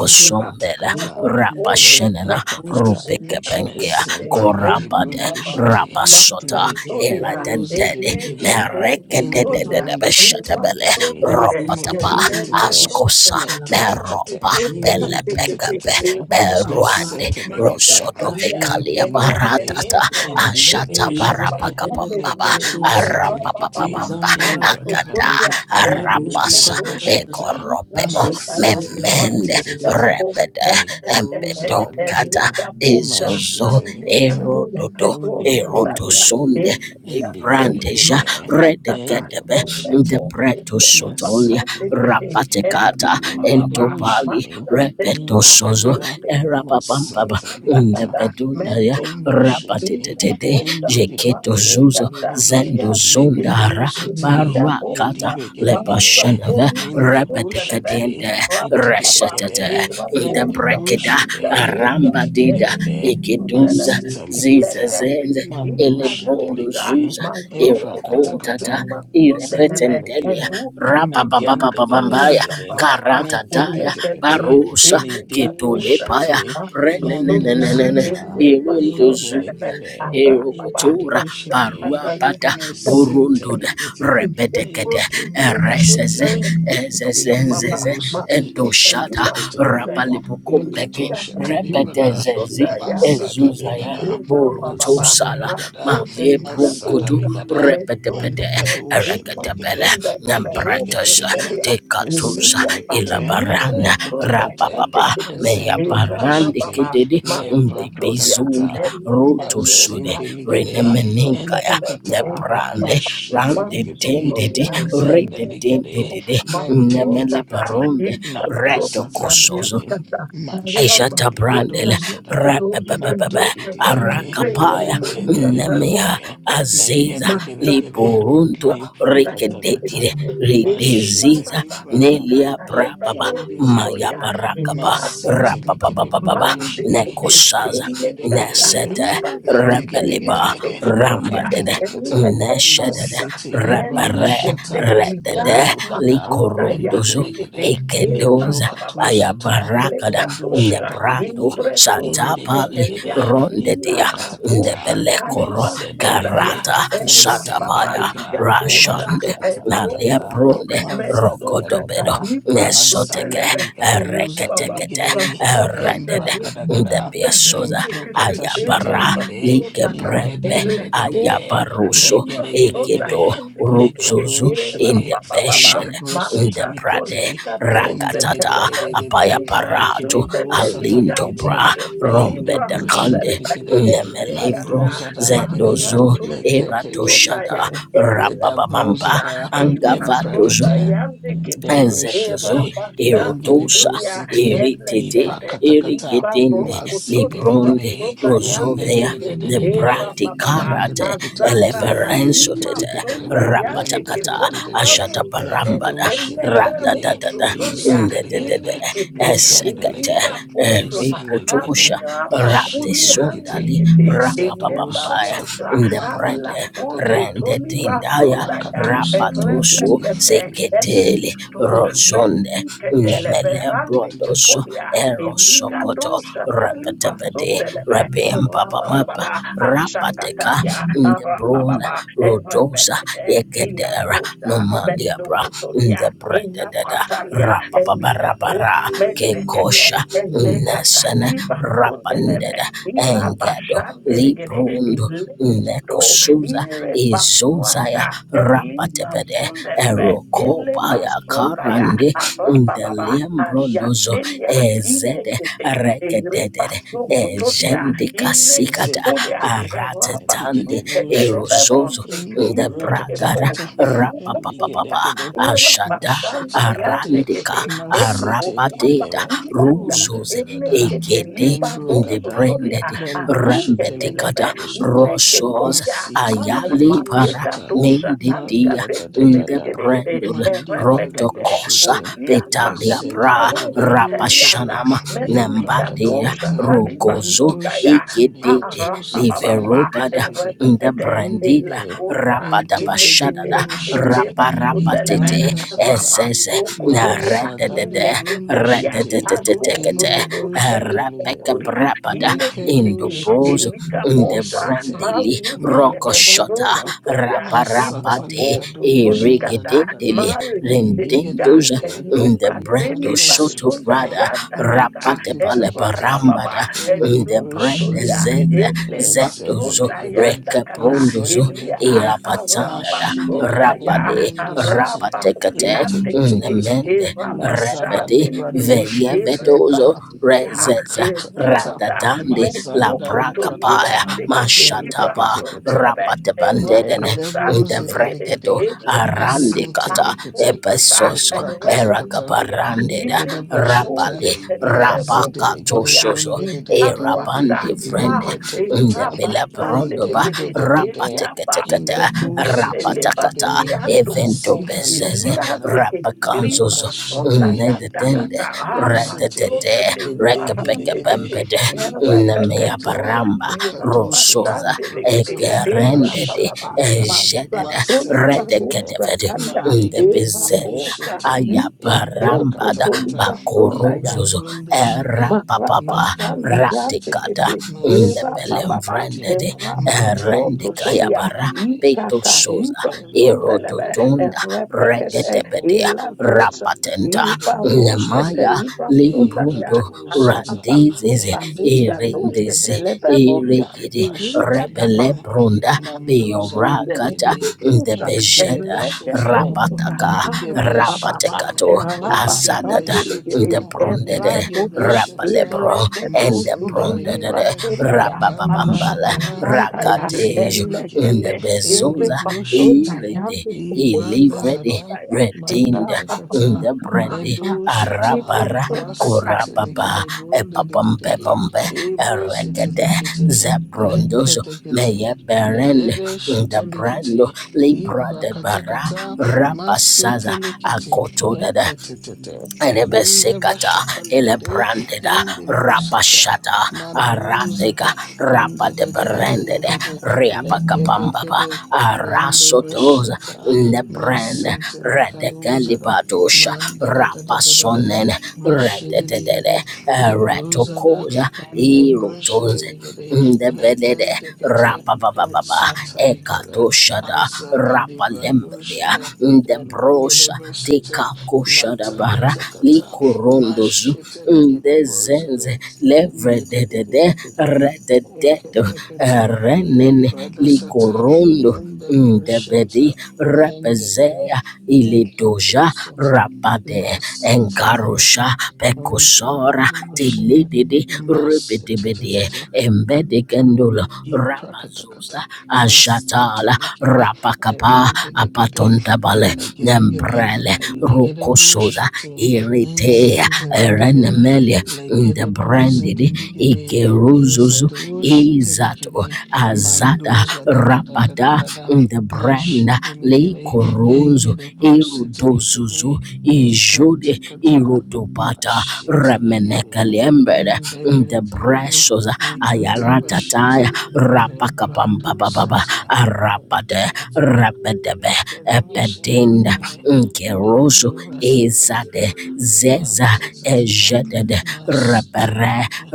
Mata
Ara
zuzelekelele
Oshete,
Rabashenena
mekuzu
lekatakata,
zela
Pekulia
Rubikebenkea
Bikete,
shekelele
E
mesentelede
Korabade
mumba la
bondeshite,
Baba,
kanda
Rabasota
Master
babare
Tolia,
zekelele
legedebozede
Iradentele
zekelele
ligede,
Eleda Boku
kudi la babara
Tolia,
endebrondeshite
Ima
zuzele
ligete,
Merekedededebeshatabele
Sobete,
inzeze
Ropataba
kete le
metetetete,
Elede
presu
Askosa
Tota,
zuzela kalaka
Master
metetetete.
Meropa
Tolia
shuzu zele
Bikete,
Belebekebe
le
E
Metetetetete.
presu
Rababa,
zuzele
Beruande
kele
Master
Mesetelekete.
masha
Talia,
Rosodovekalia
Ibrindigide.
Baratata
Eleketoha,
Sasukelele,
Ashata
Eleda
eyeze
Iligelebeshete.
kelele,
Bastande
Barabakabambaba
Bikete, E
esuselele,
Lekedorusetelekete.
Rababa,
Arapapabamba
inzambara
Master
Agada
Ibradagada.
zezelele,
Tolia,
merusu
Elida
Arabasa
Tota,
katatatatata,
Malekedebashata.
Ekoropemo
rasu
Alisa
zele
memende
Malika
shendelelele,
Maseteleketetetete.
po
repede
etetepe
embedokata
Legozagalikede.
elika posa
izozo
andika
Mashetelekata.
po de
erododo
Ende
peposa talia
bondozote.
erodosunde
elika po
librandeja
Eligelegede.
masa tata
Ende
redegedebe
elle
bashete.
posa liba
debretosotolia
tate tete
Masetelekete.
elle
rapatekata
Baba,
entopali
Legedoshede.
masa telia
repetosozo
Ingadabada,
erapapambaba
Masanta Likata,
Sukundakata,
ndebedundaya
mendo,
Matimbu Shite,
ukinda
rabatetete
bota,
jeketo zuzo
malekata,
Indididididididididi,
zendo
riantekete,
Lekedu
zundara
Shite,
ilita bota,
baruakata
masa
Edibegedegede,
lepashanava
toni
Lendebu
bosundalebe,
Shite,
rabatekadende
rapapapa,
reshetete
Edigedegede,
irwa bosa,
Lendebu
idebrekeda
kalita
Shite,
dosa,
rambadida
elita
Edigedegede,
ikeduza
sundalebe,
Masita Likata,
lekete,
zizazende
Mandu
illa
Shite
elebrondo
gosa,
Ligede,
zuza
mazokoto,
erokontata
Eprakatakata,
ima sundelebe,
irepetendelia
Zindalegede,
eluka talia,
rabababababambaya
Mekendedededede,
arabababa,
karadadaya
eleketo,
Metekete.
barusa
Le
ilita
Ledevo
dosa,
ketulepaya
shite, lando
Sotunda,
renenenenene
sata,
Ende Basunda,
irunduzuza
ingedegede,
Abba,
erokotura
ingedo
Basta,
shite,
Atale,
baruabada burundude
mesentelegede,
rebedekede
edebondo
ereseze
shite, e
ezezenzeze
legedebo shite,
endoshada
eteketekete,
rabalibukumbeke
kato shite libunda,
rebedezezi
mazada
ezuzaya
ligada, mazada
burutosala
ligada,
mali ye
mazada
brunkutu
ligada,
repetepede
malikado shite legede,
ereketebele nembretesha
egedegedegede,
dekatusa
mesentelegede,
ilabarana
Mekete
rapapapa meyabarandi
Zendolikishite
kididi
Master Tolia,
ndibizul
Leprakatakata
and look at
rotosude
Mazindeligede
renemeninkaya
Entukata
those,
nebrale
Mashitelikete
randedendedi
Sotoria,
Mezendeligede
Eleketo,
rededendedede
Masotaka,
Menteketekete
nemelebaronde
Ikato,
retokosozo
Lapasatalikete
Padiatata, Araba,
Ishata Brandela,
Mashindelikadusada
Sotanita, Dos,
Rapapapapa,
Eleketo,
Madidididide
Arakapaya,
Eleketo,
Nemea,
Endedededede
Aziza,
Legedegedegede
Liburuntu,
Leprukatakata
Rikedede,
Mashite
Rideziza,
Libana
Nelia Brababa, Maya
Ekambizite,
Barakaba,
masite likede
Rapapapapa,
bundishire,
Nekosaza,
ligede gede gede,
Nesete,
nete gede gede
Rebeleba,
gede,
Rambadede,
nekete kete,
Neshedede,
masite
Rebe,
libunda
re
shata,
redede
endu kada,
likorondozo
ligede gede, lipro
ekedoza
katu shata,
ayabarakada
endu shada
nebrado
ligede,
Indre dozu
inde gede
satapali
gede,
ketelia, ila
rondedia
iprakata kata,
gaposha,
ndebelekoro
mezede
kaliba
lige,
karata
Eva
satapaya
papaliga
mezendelika,
dosa
rashande
mashata likata,
egokoto
naliapronde
mezo
mazada da da
rokodobedo
da.
nesoteke
sodelebe
Mazandaligaduza
baba
ereketekete
daligede,
basta
redede
katalibra
embragadagada,
ndebia Asoza
eze
Ayabara
emprokatashiteligede,
pastotata
Likebrembe
ele
indededededede,
kosa
Ayabaruso
talibra soda
legedegedegede,
Egedo
hande kete
Ruzuzu
lekadoshide,
era
in the
baba baba
Beshed in the
masha
indebrosatalikete,
Brade
toliga dose
Rakatata
telebe
lendededededede,
Ima
Apayaparato
zute teliga
ekedebosatalikete,
Alintobra
dose
Rombe de
telibra
Conde
indebroshiteligede,
Nemelivro
Elegada,
landozadaligede,
Mara
Zedozo
Tulipa
lekekekekeke,
Sundaya,
Eradoshada Rababamamba
Elekosa,
ledabozada,
Eva
Angavadozo
Sunda
emprekete.
Yandikiti,
Ezetozo,
Debroshire,
Erabasta
Lenge de
Erotosa,
Kutudia,
Bosite,
Eritete,
Elegete,
Ipakatakata,
Iba
Erigedende,
Maze
Rokutu Libra
Libronde,
deligere,
Sunda
and de de
Rosovea,
de
Yandikiti,
de de
the
de de de,
Eva Bababa,
Praticarate,
Maketikiti,
Azakata Lima
Eleverensotete,
Ketikiti,
Sunda
Lende
Yandiki
de de
Rapatakata,
de de de,
Poliparusete,
Ashatabarambada,
Lekadoshi deligere,
Eleberosu
Ratadadada,
Tulia,
Ndedede,
Izedeligere,
Imekiti,
Esekete,
Izendeligere,
Ilika
Izendeligere,
Rusha
Amia
Rate
bakuri hande
Mashitiligere,
Sundali
kete eleba
Rapapambaya
Izadosata,
bosha
the
Manda da
ala
Brende
da da da da,
bozo
Rende
toni
Tindaya
basonda ya
Lakatosha talikiti.
Rapatoso
repetete
Seketele
elikato
Rosonde
mezukete lebe
Nemele
hande
Brondoso
kepolia elikato
Erosokoto
shatali
Repetepede
basonde lebe
Rabim Papa Mapa
Rabababa, Ashakatalia,
Rapateka the Brona
Rabababa,
Rodosa
Erebekete,
Yekedera
Ilagosa,
Nomalia Bra
Mesopotamia,
Ndebrededa
Inakatalia, Eligabo,
Rapabarabara
Mezekete,
Kekosha Nesene
Ezekatariba sundelebe.
Rapandeda Engedo
Irabashandelegede.
Librundo
Ando,
Nekosuza
Ile
Izuzaya
Basuanda, Elima
Rapatebede
Sundenebe, Ile
Erokobaya
Basundaya,
Karande
Arapa Baba,
Ndelembrondozo
Ayatelia,
Ezede
Inekete, Erepa
Rekedede
Sokotolia,
Ejendika Sikata
Zete
Inekepolia,
likede,
Erapa
Aratetande
likede bushiti,
Erozozo
Suketeleberonde,
inde
the
bro kata
Bragada
Inekepo,
kata,
Eruka
ligede
Polia,
Rapapapa
gede,
Era
Ashada
mashite
Basanda
ligede,
Arandika
Yatekete, Eko
masete
Rapa
ligede
Arapateta
wa,
Kulianda,
unda
Ruzos
da da da,
Enekete
Egede
Liba
embro
the
kata,
Rosotolia,
Branded
lendo
aruke
shite
telebe
ligede
Rambedicada
sine
bushita,
ke
Rosos
podia
masita
a
Ayali
likato
Para
malega
usata,
dosa taliga
Mendidia
manda da da
betele
da
de
the
da,
gede gede
Brandul
malika da
erepekete
Rotocosa
bushite,
uzia
Petalia
bahuli
zete
Pra
ligede
barose
bukede,
telianda
Rapashanama
meliga
impakata
Nambadia
dosa
kata,
taliba
Ento
Rogozo
sundaya
Egede
shatamikato
Ara, ba, ba, ba, ba, ba,
Liverobada
satalevididididi.
the
erepekete,
brandida
Nendegede.
elagosa,
Intekete
inekete,
rapadabashadada
boshiti.
eleba sundelebe,
raparapatete
Ibranda sata.
ezeze
rabato kotolia,
Mazadali
rededede
brondo
inekepolia,
shiti.
agro
redededetekete
Ende
kotodo, el
brosite ligere.
kuria
rapekabrapada
Nekede
Ineketeke,
shiti.
indobrozo the
elikaposha,
Nesete.
brandili rokoshota
Makatakata.
mazuketelebezozotobia,
raparapate
Masatalikado
inabosotolikata,
jandaligade.
irigidendili
mareketelika,
rendendoza
Endigedegede.
the brando
Kanda
shoto
sata.
elokatelibasonda
brada
yandakata,
Matekete.
erapababa,
rapatepaleparambada the Idebrende
edokotolia,
Endebrishiti
zeze zedozo
elebasonda
Ezedelegede
yandakata,
rekeprondozo
elia,
Ezendelegede
irapatandada
arabasonda
Mashudelegede
ya,
rapade
Brundisiti
rapatekate
arabakuliantekete,
Etikitikiti
mende
Lazada
revedi
erabashandelegede,
Libradoshim Tilikata
veyevedozo
erebakutia,
rezeza
Makatakata
Eruanda,
ratatande
meso
la
Mazanda
Mesokotoria,
prakapaya
Liprakata
Deketeliba,
mashataba
Endekitikiti
Sondelebe,
rapatebandede
Eraba,
Edene,
Elegede Brusiti
Sandelegede,
Ligidi
Ndevrededo,
Eletapa,
Arandikata,
Masintelegiti
Asokata,
Ebesoso,
Ereba,
Eprakatakata
Kudia,
Erakabarandeda,
Elegede
Inegato,
Boshete
Rapale,
Tetelebero,
Mazidele
Sukodia,
Rapakatosozo,
Ibaruanda,
Erabandi Vrende,
Ah, Eraba,
Ndebelebrondoba,
Sandelegede, Eliaba,
in
Rapatekata,
the city
Endugeteleba,
Rapatakata,
likede
Uriando,
Evento
Koto,
aziza
Bezeze,
Elia,
Libragada and
Deketeliba,
the
Rapakanzozo,
Sonda,
Shede
Nedetende,
legado
ama.
Mazidelegedebundededededede, leketekete, indendededede, indekusitelekede, azidalibragada, andashede, legadosete,
Thank
Redetete,
edegedegede,
Rekapekapempede,
likentokete,
Nemeaparamba, Rosoza,
lekatosotalibragata,
egerendede
mashatalika,
ejedede
masentetete,
redegedevede ndebizeza
malegedebundeshete,
ayabarambada
imprakatakata, in
you.
the
bakorozozo
Bundeshehe, in
Makrapa
erapapapa
the
shanda yande
Kandasete,
radikada
kete era
Masete
baba
Nikoti,
ndebelemvrendede
era
Matando
soto tolia
erendikayabara
Shabanigere,
ikata
petosoza
libra sondelebe
Ekeregeregere,
erododonda
erepekete
Masida
regedebedea
ila
Nikotata,
gosa
rapatenta
and the
iba rosete
Bushete,
nemaya
libra sondaya
limbrundo
Ekato Sata,
arapa
randizize
sota
and the
liga rosete
irindisi
Dededededede.
lebe bonde
irigidi
Napasha
iliga da
talikana,
rebelebronda
mandoza
beyorakata
dalikede,
Sundelegedebosha,
eligede
ndebejeda
beshete,
elekebosha,
rabataka
arapababa,
rabatekato asadada
erapasandelegede,
Ligabeshata,
ndebrondede
eragodo,
Ligabeshata,
rabalebro
Mazenda
endebrondede
Ligere,
elegedozutulibrasundaya,
Ikando
rabababambala
Shada,
arapasandaya,
rakatej
Mazinda Lige,
elegede,
ndebezoza
Indibushiti,
iridi
Ibanda Zada,
Ilivredi
ezepasundayandisukulibrasundaya,
redinda
erapapababa,
Makatakata,
the brandy
Ledu Shata,
arabara
Masiti
korababa
Likide, Wundi
epapampe
Dididi,
pompe
Hebrews Iti
erekede
Likiti,
zebrondoso meye
Lekatekate,
berende
Ledebe
the
Shata
brando
Likiti,
libra de bara
Ipakatakata,
rapasaza
Masitelikiti,
akotodada
etetete, nende
Erebesekata,
bashatalikiti,
Elebrandeda,
indi brusata,
Rapashata,
maduzada,
Aratega,
ende
Rapa de
de de de de de
Branded,
de de, lekede
Riapacapambaba,
kede, nende
Arasotoza,
brusata,
Nebrand,
masintelikaduzada,
Redecalibadosha,
manda da da da da da da da,
Rapasonen,
mashidiligiti,
Rededede,
ebruzada,
Retocosa,
ende
Erotonze,
brushidiligiti,
Ndebedede
lekente kete, et
rapababa
satalikada,
ekatoshada
azada librando
rapalembedea ndebrosa
Negedebesete
tekakoshada bara
matakatakata
likorondozu
mashete negedebrozele
ndezenze levrededede
imbedebedebedebe
redededo
eketekete
renene
nebradasata
likorondo
endebrosheta
Ndebedi
mendegere
Repezea Ilidoja
neketusata
Rabade
masetelekata
Engarusha Pekosora
endebrodobosheta
Tilididi Ribidibidi
masetetetete
Embedikendula
Ipakatakata
Rabazuza
must
Ajatala
telekebe
Rapakapa
edededebe
Apatontabale
elegedegede
Nembrele
elegede
Rukosuza
bushiti
Irite
inzenzedelegede
Erenemele
legede bruze
Ndebrandidi
delegede
Ikeruzuzu
inzedush telekebe
Izato Azada
mandoza da da da
Rabada
da da
the
inzedushitelegede manduzadadadadadada
brand Le
mashidelegede
Coronzo
engede brusitelegede
Irudozuzu Ijude
rekantakata
Irudobata
mashitelegede
Remenekalember the
endededelegede
Brashos
rikatabashita
Ayaratataya
Zebradu
Rapakapambababa
sata
Arapade
integate
Rabedebe
Kadamisha
Epedinda
Kigare Nendu
Nkerozo
Satarika
Ezade Zeza
Manta Sata
Ejedede
Mas
Rapere
Tinigata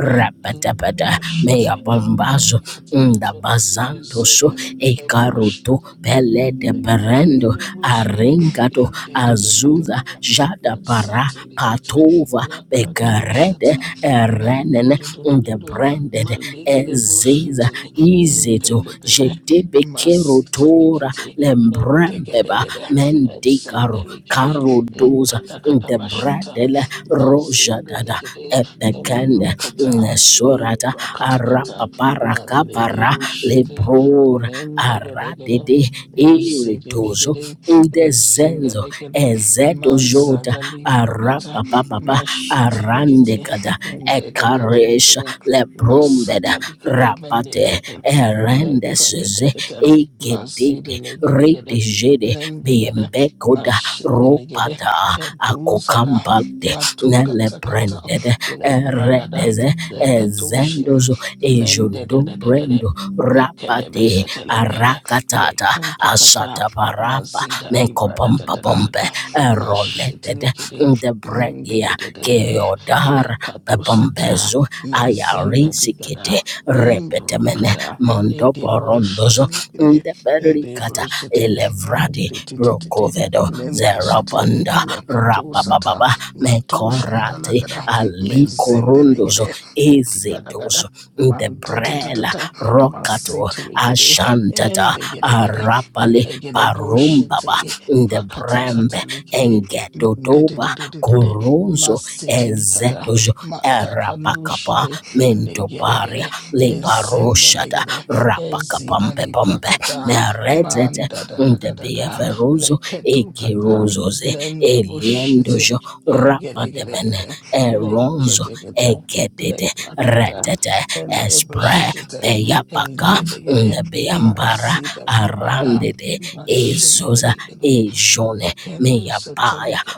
and
Mea
Bushete
Bombazo Unda
Lekata
bazando
Zeta
so
Lekata Bush
ekaruto pele de perendo
Lekelekelemuzivi,
aringato azuza
indekedekedevela,
jada para
nasatelikete,
patova begarede
lakatushata,
erenen unda
mandudududududu,
branded eziza
malegedebushite,
izeto
impepepepe,
jedebe kerotora
masitelekete,
lembrambeba
edegedegede,
mendikaro
ezendelekede,
karodoza unda
inkadakadabashata,
bradele roja dada
mazindelekede,
epekende
emdukata,
Nesurata
ibrakatakata,
arapaparakapara
maledebushite,
lebrora aradede iritozo
Izididikidi,
ndezenzo
izindidikidi,
ezedojota
mazadalifukata,
arapapapapa
mashitilikiti,
arandekada ekaresha
indidididididi,
lebrombeda
masitalikadi,
rapate
mendichita,
erendeseze
leprakadikita,
egedede
mazidiligidi,
redejede
lindigidi,
biembekoda
mashidiligidi,
ropata
eduzada,
akokampate
matukatakata,
Nelebrendede
lebragada,
Eredeze
lekadushi,
Ezendozo Ejondo
mendididididi,
Brendo Rapade
mekedebesatelekede,
Arakatata
Lekento kata
Asataparapa
mazida libra da da da da da
Menkopompopompe
da
Eroledede
mashetelekede nonde
Debregia
de de de de de
Keodar
lekato sata
Pepompezo
mezenda ligada
Ayarisikete
embro
Repetemene
kada
Mondo
edebo
Borondozo
shetelekede
Ndeberikata
edebo shete
Elevradi
metetititi
Brokovedo
lende shete
Zerabanda
lekato sata
Rabababa Mekorati
matushandalagada
Ali Corundozo
mezendelegede edigada gada
Ezidozo
manta ta ta ta
Ndebrela
ta
Rokato
masetelekede
Ashantata
Endigidegide,
Arapale
elegide
Barumbaba
bullshitty,
Ndebrembe
pakatasata likide,
engedodoba
mendidididididi,
koronzo
masitinikada,
ezedojo erabakaba
matakandushide,
mendobaria
legidegide,
lebaroshada
ezendelegide,
rabakabambe
ezidani
bambe
prakata,
meredete
manda da da da da mandadadadadada,
ndebieverozo
leketukata,
ekirozoze
lende bullshitty,
eliendojo rabadebene
egedegedegede,
eronzo
leketegede,
egedede
lepakata,
redete
lende
espre
bullshitty,
beyabaka
eligedegede,
ndebeyambara
Mazida Libada,
arandede ezoza
Mashendeligede,
Ejone
Lekendo
meyabaya
Satanic,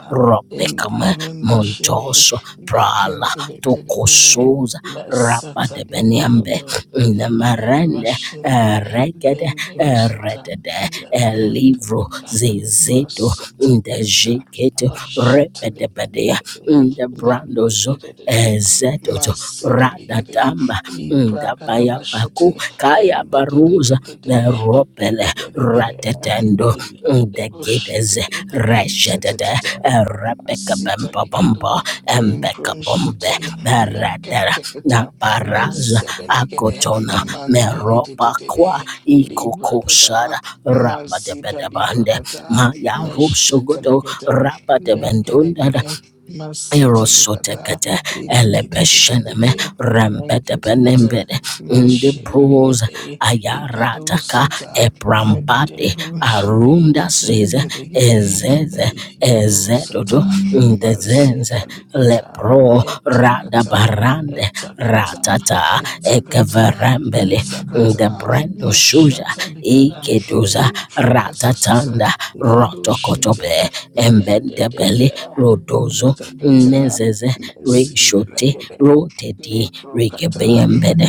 in the
robekame
Wunde Shibi,
montoso prala
Lekendele,
tokosoza
La
rapa de beniambe
Satanipacato, Eligede
nemerende
Vashende,
regede
Lende
e
Vasata,
redede
La
elivro
Cantata,
zezeto
Masatanicata,
ndejeketo repedebedea
Mashitaligede, Lende,
ndebrandozo ezetoto
Masideligede,
radatamba ndabayabaku
Ipragadabashete.
kayabaruza beropele ratetendo the gate is Rashadada, Rebecca
Masita
Bamba
ligado,
Bamba, Embecca Bombe,
imbronchite,
Beradera,
lekentekete,
Naparaza,
lezede legede,
Akotona, Meropa Kwa,
mandidididididi,
Ikoko
libragada,
Sara, Rabba de
mazida
Bedabande,
libragada,
Maya
meshete
Rusogodo,
legede,
Rabba de Bendunda,
legedegede, masite likata,
Erosotekete elebesheneme
ididididididi, lenketekete.
rembedebenembede ndibuza
Mashitregede,
ayarataka
Igadosata,
ebrambade
Medebushide,
arunda zize
Ingedegede,
ezeze ezedodo
Eligadosata,
ndezenze
Mazita Likata,
lepro
Etakata,
radabarande
Etakata,
ratata
Etakata,
ekeverembele
Etakata,
ndebrendo shuja.
Mashata Likada,
Ikedoza
Improcasasasa,
ratatanda
Lendo Shite,
rotokotobe embendebele
Medede.
rodozo
Takata
nezeze reshote
Mazindelegede
rotedi
Leprokata
regebembede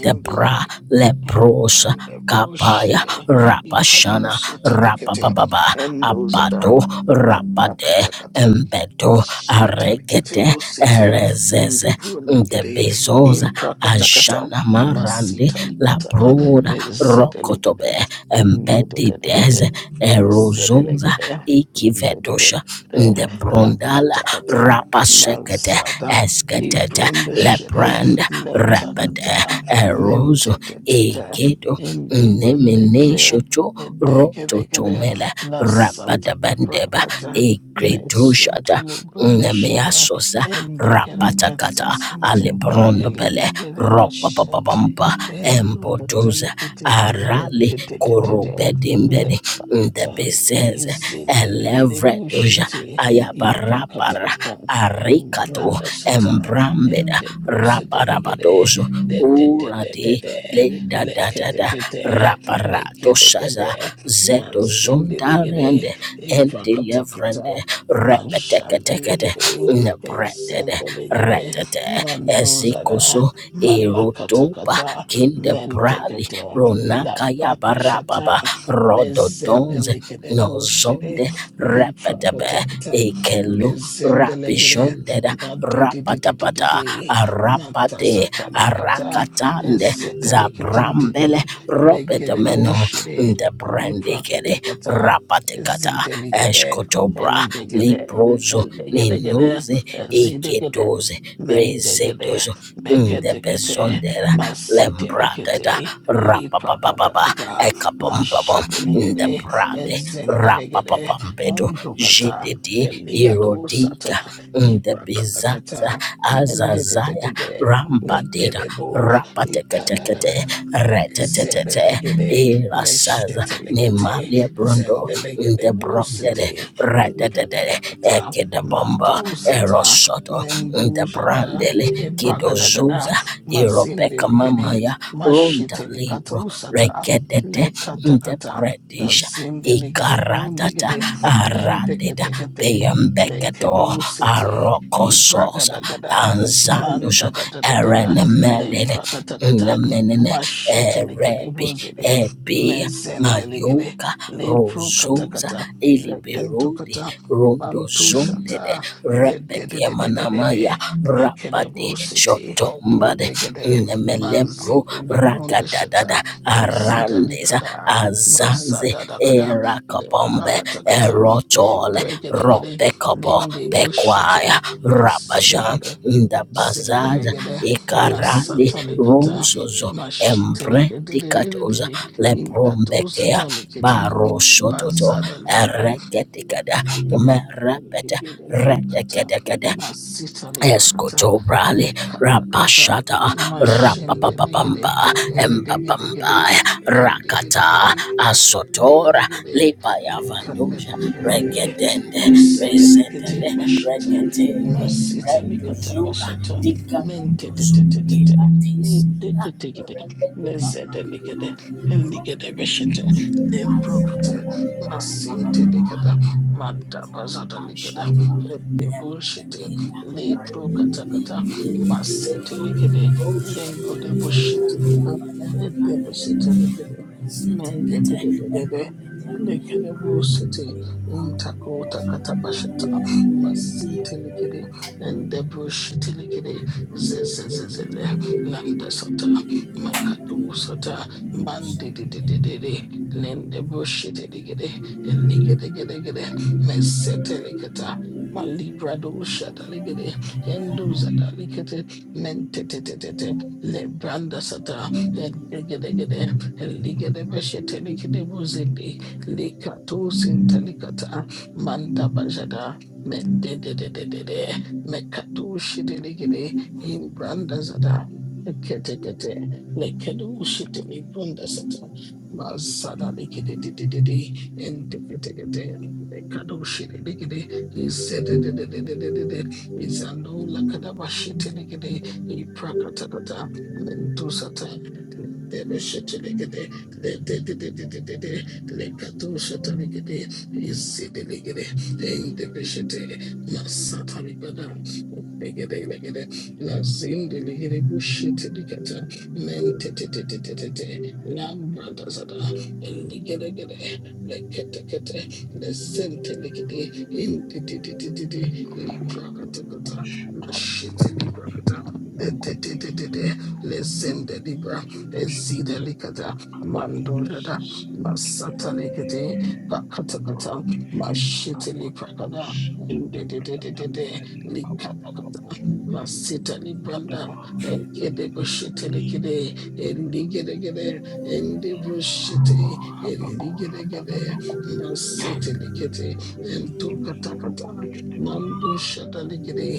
debra leprosa
and the
kapaya
bullshitty
rapashana
Ikadoshitty Likete
rapababa
and those are the
abado
Lada
rapade
Katakata
embedo aregede
Sheteliketebo City in the
erezeze the
Brundigede in
bezosa
Prakatakata
ashana marande
Masita
la
Likata
broda
Zedelegede
rokotobe embedides
Mendedededede
erozosa
Zedelegede
ikivedosha
Mendedededede
the
La
brondala
Katakata
rapasekete
Mazada
esketete
Ibrundeshede
lebrand rapide
Letakata
erozo
Mentetetete
egedo
in the Brundigede
nemeneshoto
Edegedegede
rototomele
La Satani
rapadabandeba
Prakata.
egredoshata
Mesotuli Bundeshere
Nemeasos
and Degere
rapatakata
Katasinte
alebrondo
and
bele
Digere
ropa papa
Vashinte
pampa
and
embodoza
Dupatalikite and
arali
Dedekate
korobedimbedi
Nepakata
ndebezeze
is in the Ligere
elevredoja
Bushite
ayabarapara
Ipakatakata in
arikato
Granda Sata and
embrambeda
the Bruce Delegate
raparabadozo
de de de de de
uradi
de
ledadadada
Lekedekate
raparato shaza
Lekedekate
zeto
Mansindeligere
zondarende en deliverance,
Ipakatakata
repetekete,
Majandaligede,
nebranded,
Esendaligede,
retete,
Mandozada,
ezikoso,
malakata
erotopa,
kata,
kindebrali,
Mentekete, La
ronakaya
Prata Shata,
barababa, rododonze,
Mezendaligede, Boshede,
nozonde, repetebe,
Liprakatakata,
ekelu,
Mezendaligede,
Rabishonded Rapatapata
Madidididididi,
Arapate
Matasatalikata,
Arakatande Zabrambele
Esetalikitintidi, Legede
Ropetameno
bullshit,
the
li prakata kata,
Brandikede
Liprakatakata,
Rapatekata
Ezideligede,
Eshkotobra
Endigede,
Liprozo
endigede,
Ninuze
ezidegede,
Iketoze
mendegede,
Rezetos the
meketekete,
Besondera Brada
masitenikete,
Rapapapapa
liprakatakata,
Ekapompabom the
mashidenegede,
Brade
ezendelegede,
Rapapapampedo
endokata,
Jedidi
eligadosata,
Erodiga the Bizaza
iprakatakata,
Azazaya
mendededede,
Rampadeda
legedebo,
Rapatekate
ikadagada,
Retetete
Zebelegede,
Erasaza
Leshetelegede,
Nemalia Brundo
Zendelegede
the Brondele
Busiti,
Red
Imprakatata,
Ekedabomba
Matusata,
Erosoto
Mendujada,
Ndabrandele
Hebragadagada,
Kidozuza Iropeka
Mazindelegede,
Mamaya Runda Libro
Mashitelikatu
Regedete
Lekatakata,
Ndebredisha
Zindelegede
Ikaratata
Bundigede,
Aradeda
Lenteketekete,
Beyambeketo
Lekedusiti,
Arokososa
Ibragadagada,
Anzandushu
Mandadadadada,
Erenemelede
kata.
Namenene,
Mashitelikide
Erebe,
bozede.
Ebe,
Mezendeligide.
Mayoka,
Lepro
Rozosa,
katakata. Lekentokata.
Eliberode,
Mantu
Rondozonde,
shata. Le de de
Rebekia
de de de de de.
Manamaya,
Lekede
rapade,
bosete.
Shotombade,
Indegede.
Inemelebro
Manzinde libronde
ragadadada
shata. Ezida
arandesa
likada.
azanze
Mazada dakada. Le
erakabombe
bakatakata. Le
erochole
bregedegede.
ropekobo
Linde
pekwaya
bushite.
rabajan
Ezedegede.
ndabazaza
Zendelegede.
ikarali
Masatalikata.
rozozo embrendikatoza
Mashitelekedede,
lebrombekea
Ikatosatalikete,
baroshototo
Bazadalegede,
eregetikada merepete
Bukata,
redegedegede
Masitalepakata,
Escotobrali,
Lekapakata,
Rabashada,
Mashendelegede,
Rapapapamba,
Indigedegede,
Embabamba, Rakata, Asotora,
Diggity-diggity,
Lipaya Vandusha,
nickandididididididi,
Regedende,
missity-lickity,
Resetele,
bashata,
Regetele,
massity-lickata,
Rendusura,
bashata,
Dicaputusu,
minkity-titty-titty,
Ilatisila,
dickity-tickity,
Rebecca,
nizzity-lickity, lickity-bashata, nimprokity, massinty-lickata, madabazada-lickata, hippy-bullshitty, liprokatakata, massity-lickity, lingudy-bullshitty-licka, hippy-bullshitty-lickity, Mendedededede. Lekede busete intako
Thank you.
takata bashata masinte lekede ende bushite lekede zezezezeze landa sota makatu sota mandedededede lende bushite lekede ligede gede gede mesete leketa malibra doshada legede endo zada lekete mentetetetete lebranda sata gede Liga de Ligedebeshete likedebuzindi. Likatusintalikata. Manda bajada. me me de de de de de de Mededededede. Mekatushidinigidi. branda zada. Kete kete. Lekedushidinibunda sata. Mazada likedededede. Enteketekete. Lekadushidinigidi. Izedededededede. Izanula kadabashitinikidi. Iprakatakata. Mentusata. Debeshetelegede, Dedededededede, Lekatoshetelegede, Izidelegede, Endebeshete, Masatalibada, Degedelegede, Lazindelegede, Bushetelikata, Mentetetetetete, Lambradazada, Eligedegede, Leketekete, Lesentelegede, Indidididididi, Liprakatokata, Mashetelibrakata, de de de de de de, lezende ezide likata mandorada masata likete pakatakata mashitili prakada ndedededede likatakata masita libranda kede bushitili kede eligedegede endebushiti eligedegede masitili kete mando shada ligede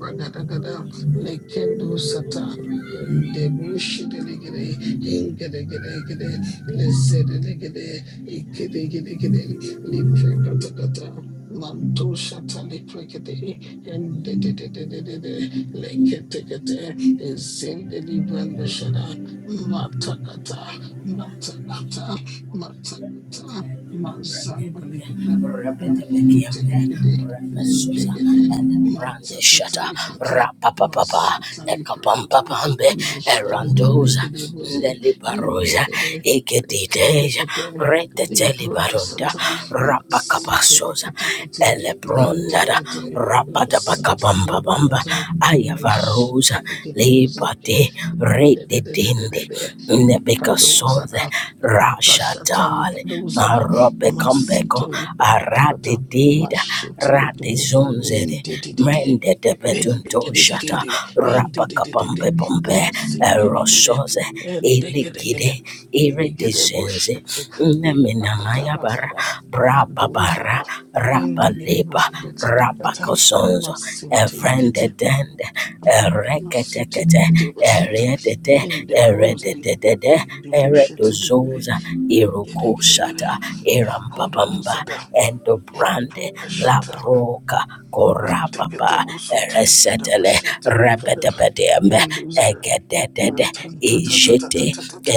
Ragadagada, Lekendo Sata, Debushidelegede, Ingedegelegede, Lezedelegede, Ikedegelegede, Liprakatakata, Manto Shata Liprakete, and Dededededede, Leketekete, Zindelibranda Shada, Matakata, Matakata, Matakata, Mazandalegada, Mashitelegede, Mendegede.
Brande shata
Matakatalekata,
rapa, papa, rapapapa
Masataliprokota,
ekapampapambe erandoza
Mashindelegedeboze,
ndelibaroza
Hindegede,
ikediteja
Lekempekete,
retetelibaronda
Librodasata,
rapakapasoza
Masiteleketekete,
elebrondada
Lentekete,
bamba
Sataliprokata,
ayavarosa
Meshetelegedeboze,
lebate rededende
Dendededededede,
nebekasonze
Kadozada, Matashatali
rashatale
Kadozada,
marobekombeko
Masitelekotakata,
aradededa
Mashetelegede, in
radezonzede
the
mendedebetuntoshata rapakapampepompe
bronze, in
erosoze elegide
the bush,
iridezenze
it's a big
Neminamaya bara,
day.
braba bara Neminamayabara, Brababara, Rabaleba, Rabakosonzo, Evrendedende, Ereketekete, Eredede, Erededede, Eredozoza,
Get it, get it, get
Irukushata,
it. Lakodo
Irambabamba,
Zada, and
Endobrande,
Broker
Labroka, Korababa, Eresetele, Rebedebedembe,
Induzera
Egedede, Ijete,
matantatatatatatatata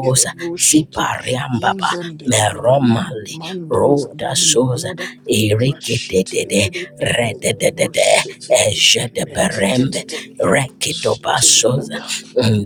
gere bushitu
Sipariambaba,
inzendelegere
Meromali,
manduza
Roda
dali
Sosa,
balada
Erikitede,
mashitilikede
Rededede,
indibushitu
Eje de Berembe,
metetetete shitilikada
Rekitobasosa,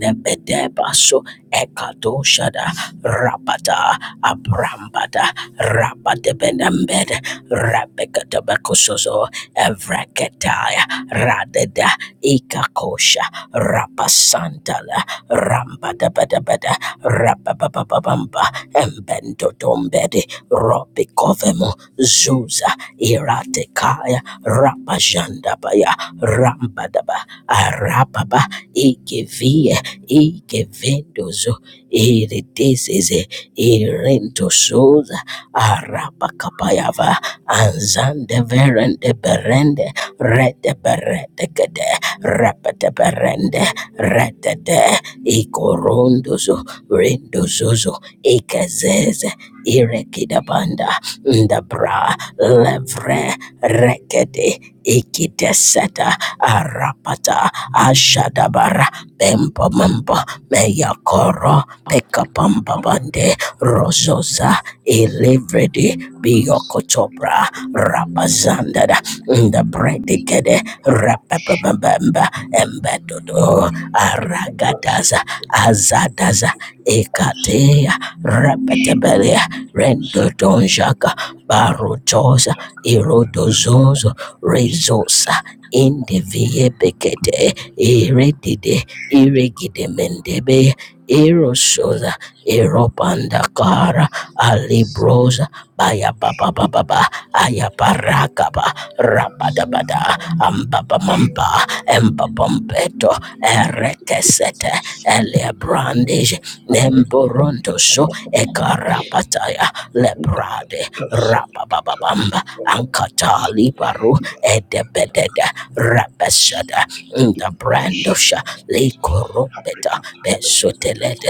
Nebedebaso, Ekatoshada, Rabada Abrambada rabade Rabadebenembed Rabekatabakosozo Evreketaya Radeda Ikakosha Rabasantala Rambadabadabada Rababababamba Embendodombedi Robikovemo Zuza Iratekaya Rabajandabaya Rambadaba Arababa Igevie Igevendozo Iri dizizi irinto shoza arapakapayava anzande verende berende rete berete gede repete berende rete de ikorondozo rindozozo ikezeze irekidabanda ndabra levre rekede ikideseta arapata ashadabara bembo membo meyakoro Pekapambabande Rozoza Elevredi Biokotobra Rabazandada Ndabredikede Rapapabamba Embedodo Aragadaza Azadaza Ekatea Rapetabelia Rendodonjaka Barotosa Irodozozo Rezosa Indiviebekete Iredide mendebe. Eroshosa, Eropandakara, Alibrosa, Baya Baba Baba Ba, Ayabarakaba, Rabadabada, Ambabamamba, Embabombeto, Erekesete, Elebrandis, Nemborondoso, Ekarapataya, Lebrade, Rabababamba, Ankatali Baru, Edebedede, Rabesada, the brand of Sha, Likorobeta Besoteled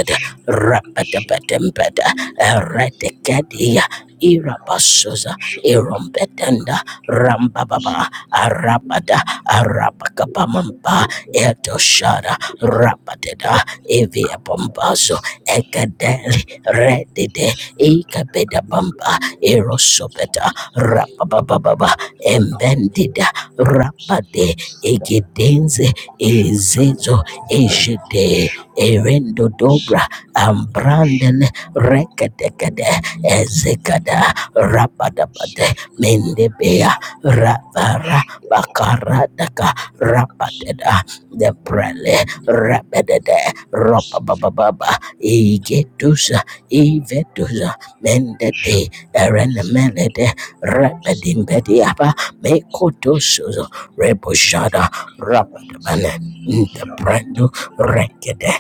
Rapatabatembeda Eradicadia Irabasosa Irombetenda Rambababa Arabada Arabakabamamba Edoshara Rapateda Evia Bombazo Ekadeli Redide Ikabeda Bamba Erosobeta Rapababa Embendida Rapade Egidenze Ezezo Ejede Erendo Dobra Ambrandele Rekedekede Ezekada Rabadabade Mendebea Rabara Bakaradaka Rabadeda Deprele Rabedede Robababa Igetusa Ivetusa Mendete Erenemelede Rabedimbediaba Mekotosuzo Reboshada Rabadabana Ntaprandu Rekede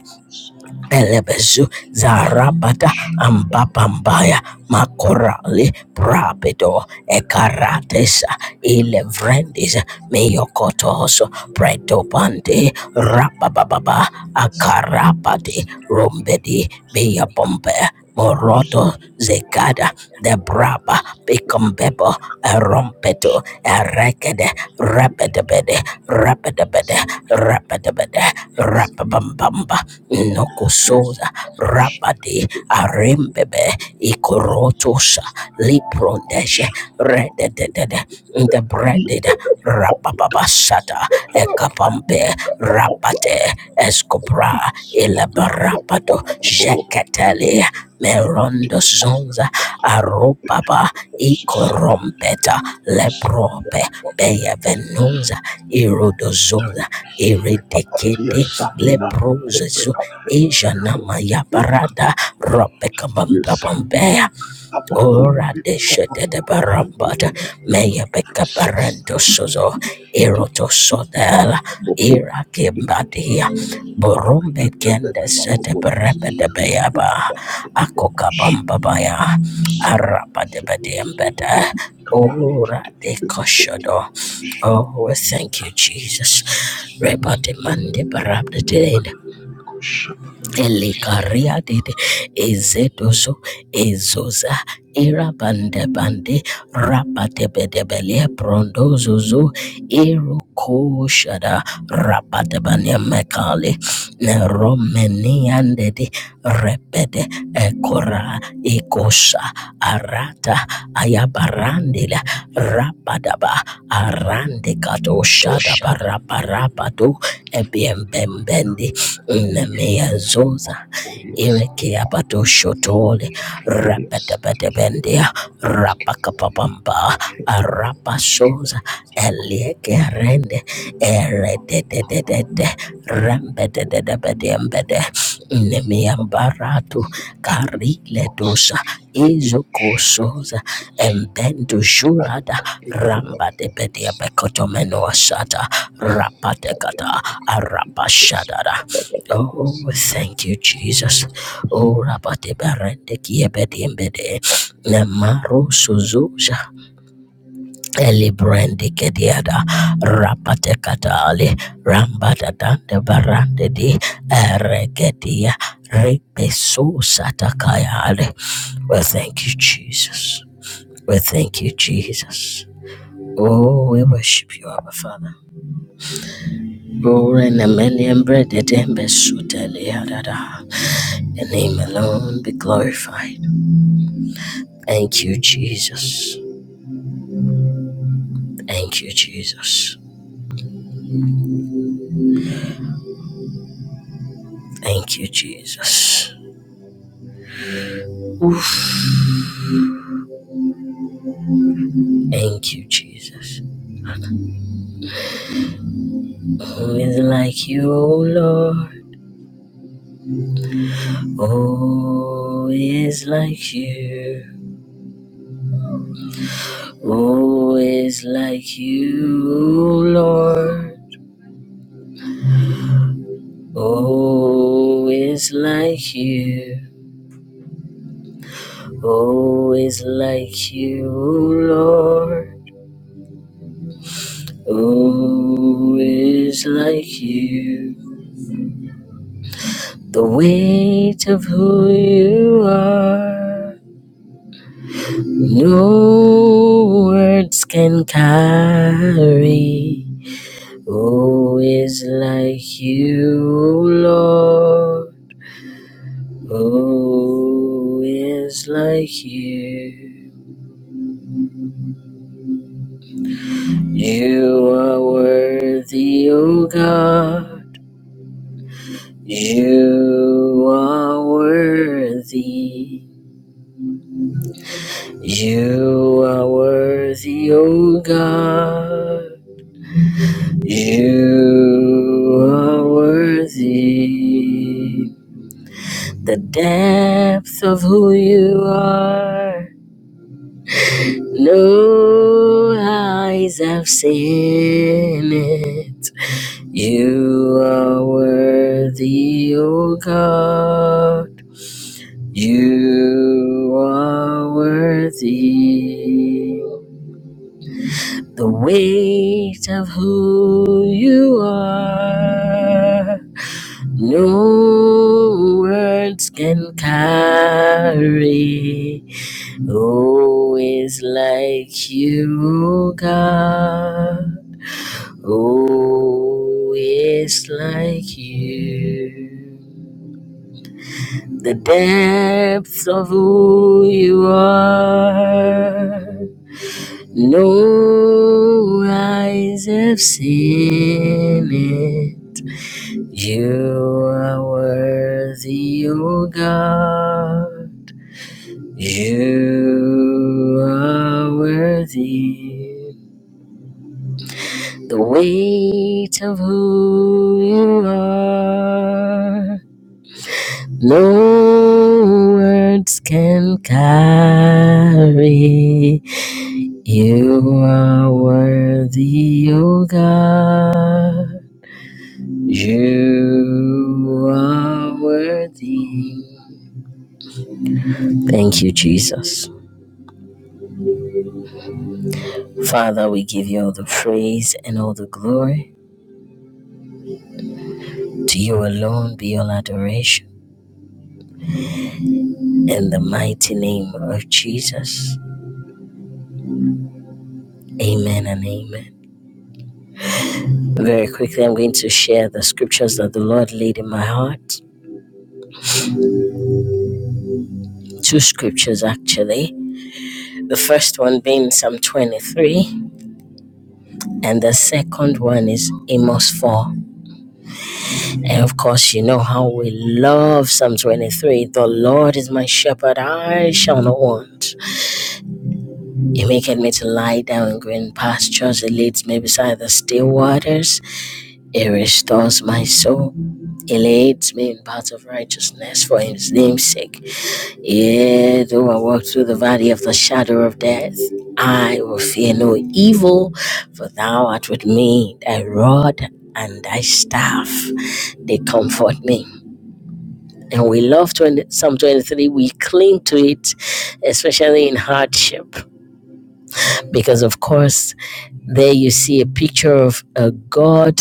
Elebezu Zarabata Ambapambaya Makorali Prabido Ekaratesa Ilevrendis Meyokotos Pretopante Rabababa Akarapati Rombedi Beyabombe Boroto, Zekada, Debraba, Bicombebo, Erompeto, Erekede, Rapidabede, Rapidabede, Rapidabede, Rapabambamba, Nocososa, Rapadi, Arimbebe, Icorotosa, Liprondeshe, Rededede, the breaded Rapababasata, ekapampe rapate escopra ilabarapato jeketeli merondo zonza arupapa ikorompeta leprope beyevenunza irodozunza iridekete leprozezo ijanamayaparaga ropekamampapampea Ora deshe de de barambada, meya beka barendo sozo, eroto sodela, ira kimbadia, borumbe kende sete berebe de beyaba, akoka bambabaya, araba de bedembede, ora de koshodo. Oh, we thank you, Jesus. Reba de mande barabda de Elekaria dede ezedozo ezoza irabande bande rapatebedebele prondozozo irokoshada rapatebane mekali romeniandede repede ekora ekosa arata ayabarandela rapadaba arande katoshada baraparapado ebiembembende Nemea Zosa ireke Pato Shotole rapete pete bendia Rapetepetependia Rapakapapamba Arapa Sosa Elieke Rende Eredededede Rempedededepediempede Nemea Baratu Karile Dosa Izuko Sosa Embendu Shurada Ramba de Bedia Becotomenoa Sata rapate kata Arapa Shadada Oh, thank you, Jesus. Oh, rapate barende kiebedi embede. Nemaru suzuza. Elibrende kediada. Rapate katale. Rambada dande barande di. Eregedia. Repeso satakayale. Well, thank you, Jesus. Well, thank you, Jesus. Oh, we worship you, Abba Father. Oh, and mbede million bread at Your name alone be glorified. Thank you, Jesus. Thank you, Jesus. Thank you, Jesus. Oof. Thank you, Jesus. Who is like you, O Lord? Who is like you? Who is like you, O Lord? Who is like you? Who is like you, O Lord? Who is like you? The weight of who you are, no words can carry. Who is like you, Lord? Who is like you? You are worthy, O God. You are worthy. You are worthy, O God. You are worthy. The depth of who you are, no eyes have seen it. You are worthy, O God. You are worthy. the weight of who you are. No words can carry. Oh, is like you, God. Oh, is like you the depths of who you are. No eyes have seen it. You are worthy, O God. You are worthy. The weight of who you are. No words can carry. You are worthy, O God. You are worthy. Thank you, Jesus. Father, we give you all the praise and all the glory. To you alone be all adoration. In the mighty name of Jesus. Amen and amen. Very quickly, I'm going to share the scriptures that the Lord laid in my heart. Two scriptures, actually. The first one being Psalm 23 and the second one is Amos 4. And of course, you know how we love Psalm 23. The Lord is my shepherd, I shall not want. He maketh me to lie down in green pastures, He leads me beside the still waters, He restores my soul. He leads me in paths of righteousness for his name's sake. Yea, though I walk through the valley of the shadow of death, I will fear no evil, for thou art with me, thy rod and thy staff, they comfort me. And we love 20, Psalm 23, we cling to it, especially in hardship, because of course, there you see a picture of a God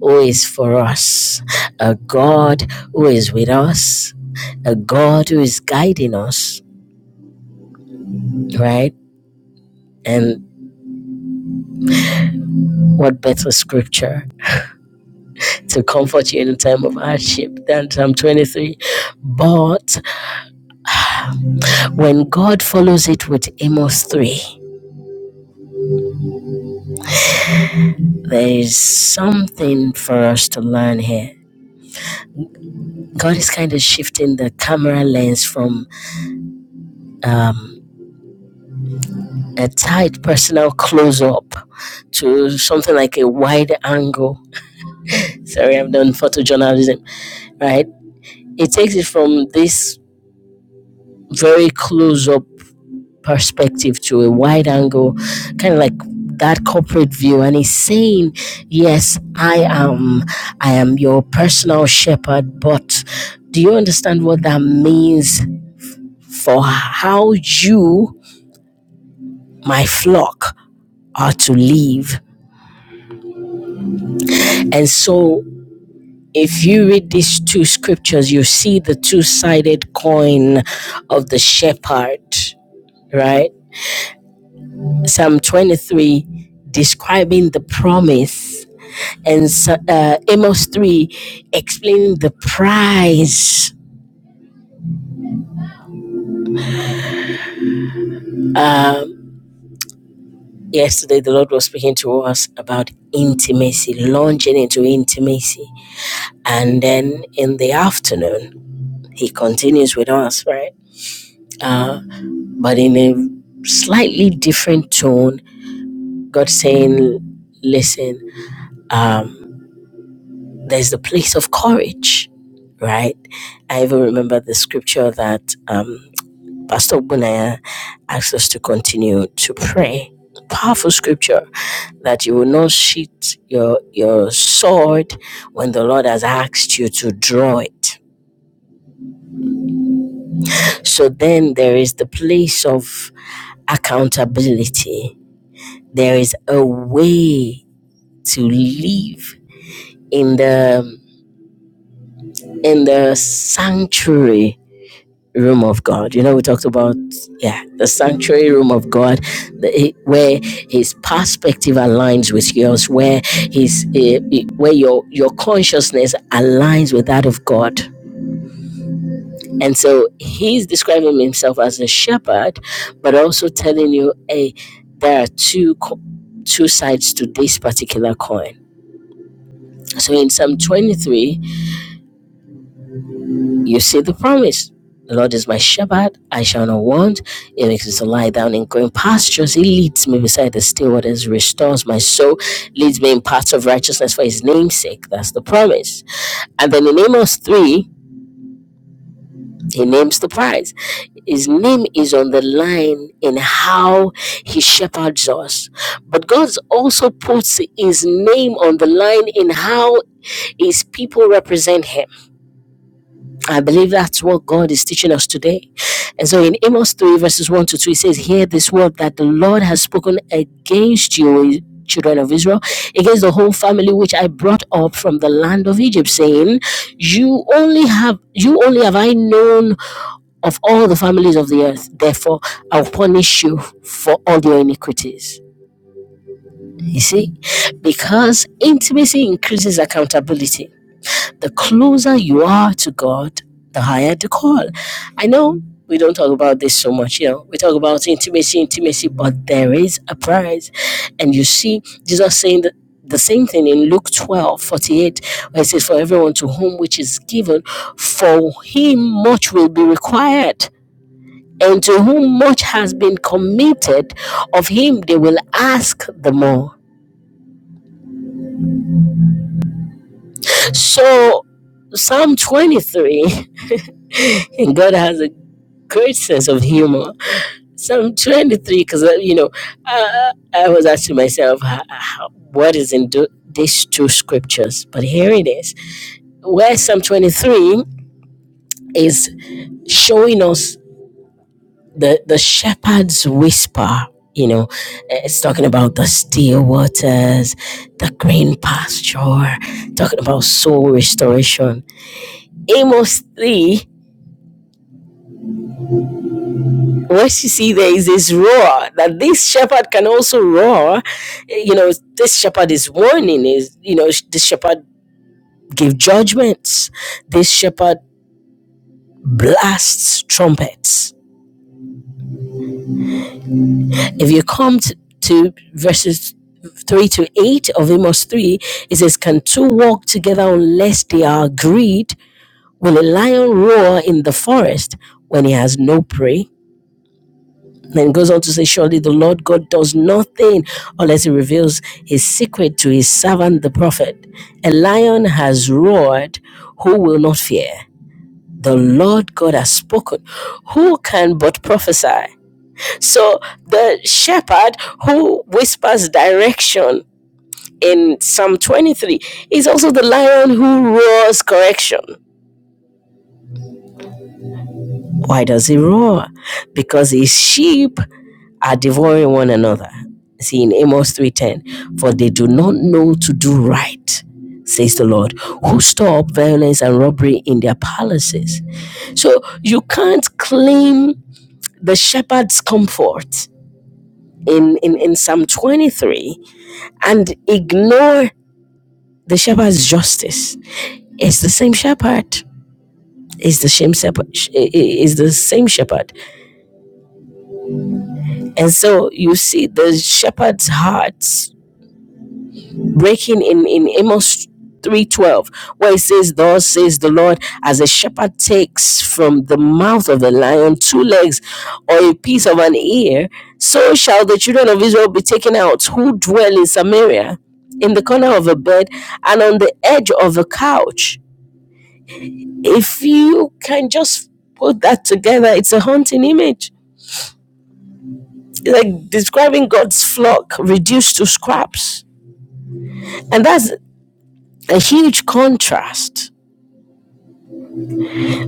who is for us, a God who is with us, a God who is guiding us, right? And what better scripture to comfort you in a time of hardship than Psalm 23? But when God follows it with Amos 3, there is something for us to learn here. God is kind of shifting the camera lens from um, a tight personal close up to something like a wide angle. Sorry, I've done photojournalism, right? It takes it from this very close up perspective to a wide angle, kind of like that corporate view and he's saying yes i am i am your personal shepherd but do you understand what that means for how you my flock are to live and so if you read these two scriptures you see the two-sided coin of the shepherd right psalm 23 describing the promise and so- uh, Amos 3 explaining the prize. Um, yesterday, the Lord was speaking to us about intimacy, launching into intimacy. And then in the afternoon, He continues with us, right? Uh, but in a slightly different tone, God saying, Listen, um, there's the place of courage, right? I even remember the scripture that. Um, Pastor Bunaya asks us to continue to pray. Powerful scripture that you will not sheath your your sword when the Lord has asked you to draw it. So then there is the place of accountability. There is a way to live in the in the sanctuary room of God. You know, we talked about yeah, the sanctuary room of God, the, where His perspective aligns with yours, where His eh, eh, where your your consciousness aligns with that of God. And so He's describing Himself as a shepherd, but also telling you, hey, there are two co- two sides to this particular coin. So in Psalm twenty three. You see the promise. The Lord is my shepherd, I shall not want. He makes me to lie down in green pastures. He leads me beside the still waters, restores my soul, leads me in paths of righteousness for his name's sake. That's the promise. And then in Amos 3, he names the prize. His name is on the line in how he shepherds us. But God also puts his name on the line in how his people represent him I believe that's what God is teaching us today. And so in Amos 3, verses 1 to 2, it says, Hear this word that the Lord has spoken against you, children of Israel, against the whole family which I brought up from the land of Egypt, saying, You only have you only have I known of all the families of the earth, therefore I'll punish you for all your iniquities. You see, because intimacy increases accountability the closer you are to God, the higher the call. I know we don't talk about this so much, you know. We talk about intimacy, intimacy, but there is a price. And you see Jesus saying that the same thing in Luke 12 48, where it says, For everyone to whom which is given, for him much will be required. And to whom much has been committed, of him they will ask the more. So Psalm 23, God has a great sense of humor. So I'm 23 because, you know, uh, I was asking myself, h- h- what is in do- these two scriptures? But here it is. Where Psalm 23 is showing us the, the shepherd's whisper. You know, eh, it's talking about the still waters, the green pasture, talking about soul restoration. Amos 3 what you see there is this roar that this shepherd can also roar you know this shepherd is warning is you know this shepherd give judgments this shepherd blasts trumpets if you come to, to verses 3 to 8 of amos 3 it says can two walk together unless they are agreed will a lion roar in the forest when he has no prey Then goes on to say, Surely the Lord God does nothing unless he reveals his secret to his servant the prophet. A lion has roared, who will not fear? The Lord God has spoken, who can but prophesy? So the shepherd who whispers direction in Psalm 23 is also the lion who roars correction. Why does he roar? Because his sheep are devouring one another. See in Amos 3:10, for they do not know to do right, says the Lord, who store up violence and robbery in their palaces. So you can't claim the shepherd's comfort in, in, in Psalm 23 and ignore the shepherd's justice. It's the same shepherd. It's the same shepherd. It's the same shepherd. And so you see the shepherd's heart. breaking in in Amos 3:12 where it says thus says the Lord as a shepherd takes from the mouth of the lion two legs or a piece of an ear so shall the children of Israel be taken out who dwell in Samaria in the corner of a bed and on the edge of a couch if you can just put that together it's a haunting image it's like describing God's flock reduced to scraps and that's a huge contrast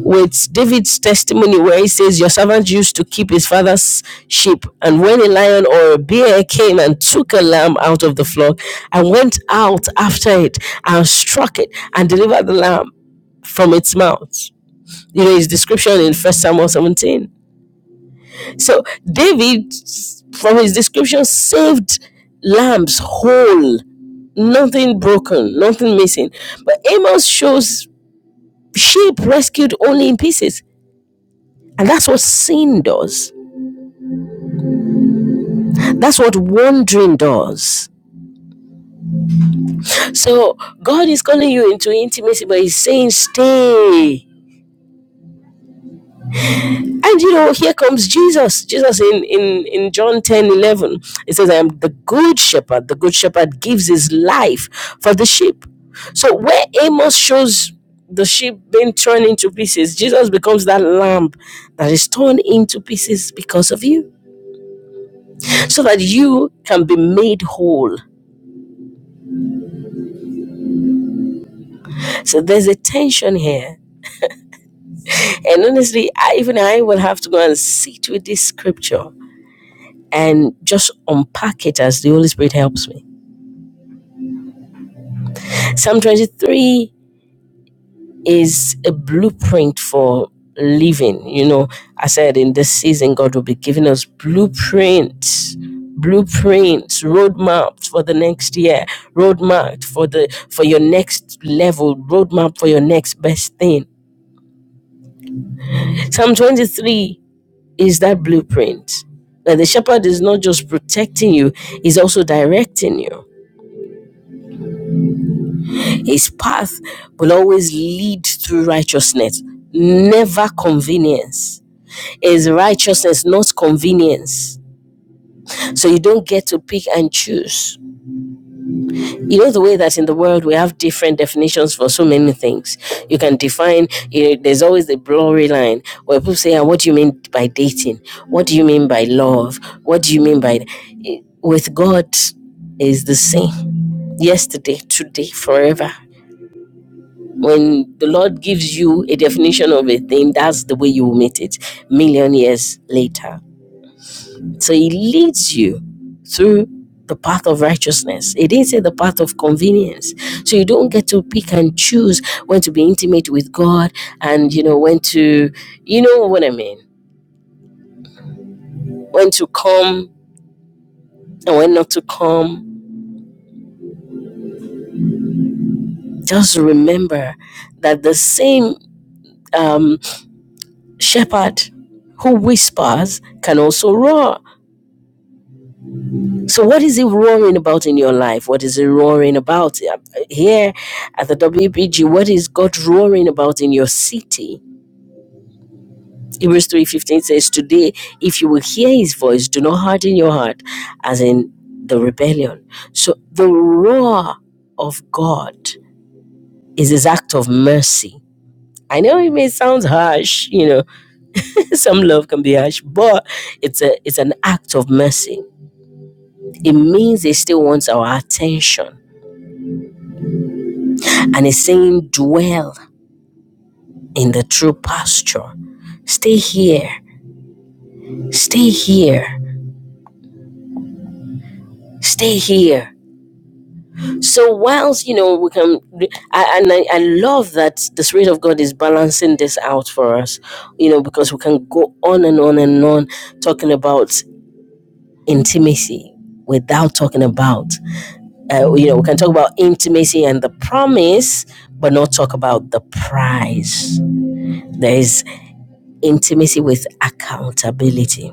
with David's testimony where he says, Your servant used to keep his father's sheep, and when a lion or a bear came and took a lamb out of the flock, I went out after it and struck it and delivered the lamb from its mouth. You know, his description in First Samuel 17. So David, from his description, saved lambs whole, nothing broken, nothing missing. But Amos shows sheep rescued only in pieces. And that's what sin does. That's what wandering does. So God is calling you into intimacy, but He's saying, stay. And you know, here comes Jesus. Jesus in, in, in John 10 11, it says, I am the good shepherd. The good shepherd gives his life for the sheep. So where Amos shows the sheep being torn into pieces, Jesus becomes that lamb that is torn into pieces because of you, so that you can be made whole. So there's a tension here And honestly, I, even I will have to go and sit with this scripture and just unpack it as the Holy Spirit helps me. Psalm 23 is a blueprint for living. You know, I said in this season, God will be giving us blueprints, blueprints, roadmaps for the next year, roadmap for the for your next level, roadmap for your next best thing. Psalm 23 is that blueprint. That the shepherd is not just protecting you, he's also directing you. His path will always lead to righteousness, never convenience. It's righteousness, not convenience. So you don't get to pick and choose. you know the way that in the world we have different definitions for so many things you can define you know, there's always the blurry line where people say "Ah, what do you mean by dating what do you mean by love what do you mean by with god is the same yesterday today forever when the lord gives you a definition of a thing that's the way you will meet it million years later so it leads you through the path of righteousness. It isn't the path of convenience. So you don't get to pick and choose when to be intimate with God and you know when to you know what I mean. When to come and when not to come. Just remember that the same um, shepherd who whispers can also roar. So, what is he roaring about in your life? What is he roaring about Uh, here at the WBG? What is God roaring about in your city? Hebrews three fifteen says, "Today, if you will hear His voice, do not harden your heart, as in the rebellion." So, the roar of God is His act of mercy. I know it may sound harsh, you know, some love can be harsh, but it's a it's an act of mercy. It means He still wants our attention And he's saying, dwell in the true pasture. Stay here, stay here, stay here. So whilst you know we can, I, and I, I love that the Spirit of God is balancing this out for us, you know, because we can go on and on and on talking about intimacy without talking about, uh, you know, we can talk about intimacy and the promise, but not talk about the prize. There is intimacy with accountability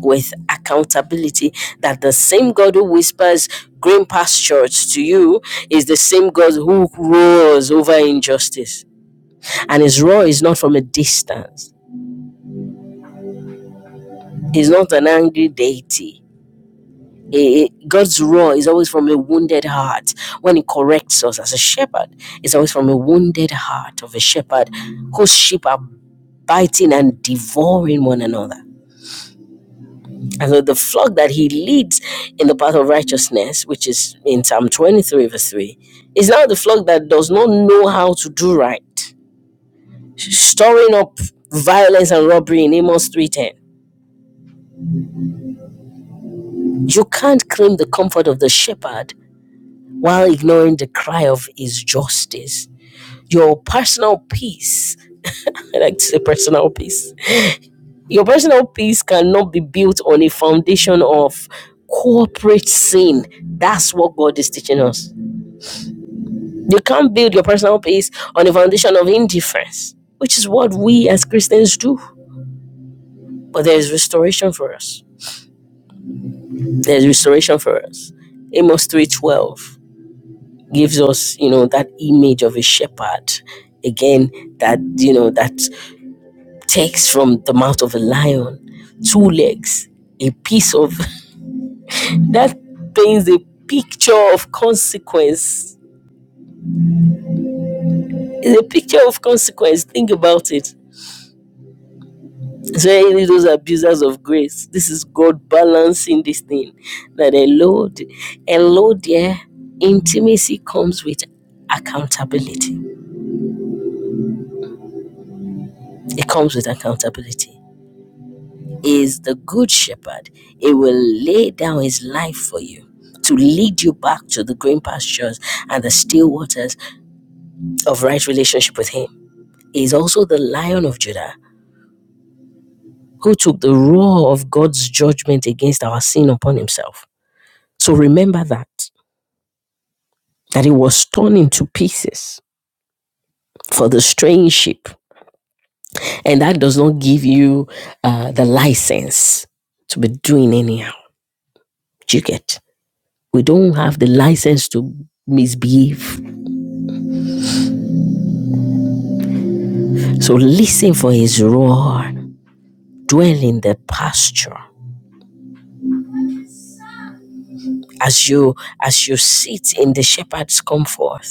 with accountability that the same God who whispers green pastures to you is the same God who roars over injustice. And his roar is not from a distance, he's not an angry deity. Eh, God's roar is always from a wounded heart. When he corrects us as a shepherd, it's always from a wounded heart of a shepherd whose sheep are biting and devouring one another. And so the flock that he leads in the path of righteousness, which is in Psalm 23, verse 3, is now the flock that does not know how to do right, storing up violence and robbery in Amos 3.10. You can't claim the comfort of the shepherd while ignoring the cry of his justice. Your personal peace, I like to say personal peace, your personal peace cannot be built on a foundation of corporate sin. That's what God is teaching us. You can't build your personal peace on the foundation of indifference, which is what we as Christians do. But there is restoration for us. There is restoration for us. Amos 3:12 gives us, you know, that image of a shepherd. Again, that you know, that takes from the mouth of a lion two legs, a piece of that paints a picture of consequence. It's a picture of consequence. Think about it So any of those abusers of grace, this is God balancing this thing. That a load, a load. yeah, intimacy comes with accountability. It comes with accountability. He Is the good shepherd. He will lay down his life for you to lead you back to the green pastures and the still waters of right relationship with him. He Is also the lion of Judah who took the roar of God's judgment against our sin upon himself. So remember that. that it was torn into pieces for the strange sheep. And that does not give you uh, the license to be doing anyhow. Do you get? We don't have the license to misbehave. So listen for his roar. Dwell in the pasture. As you as you sit in the shepherd's comfort,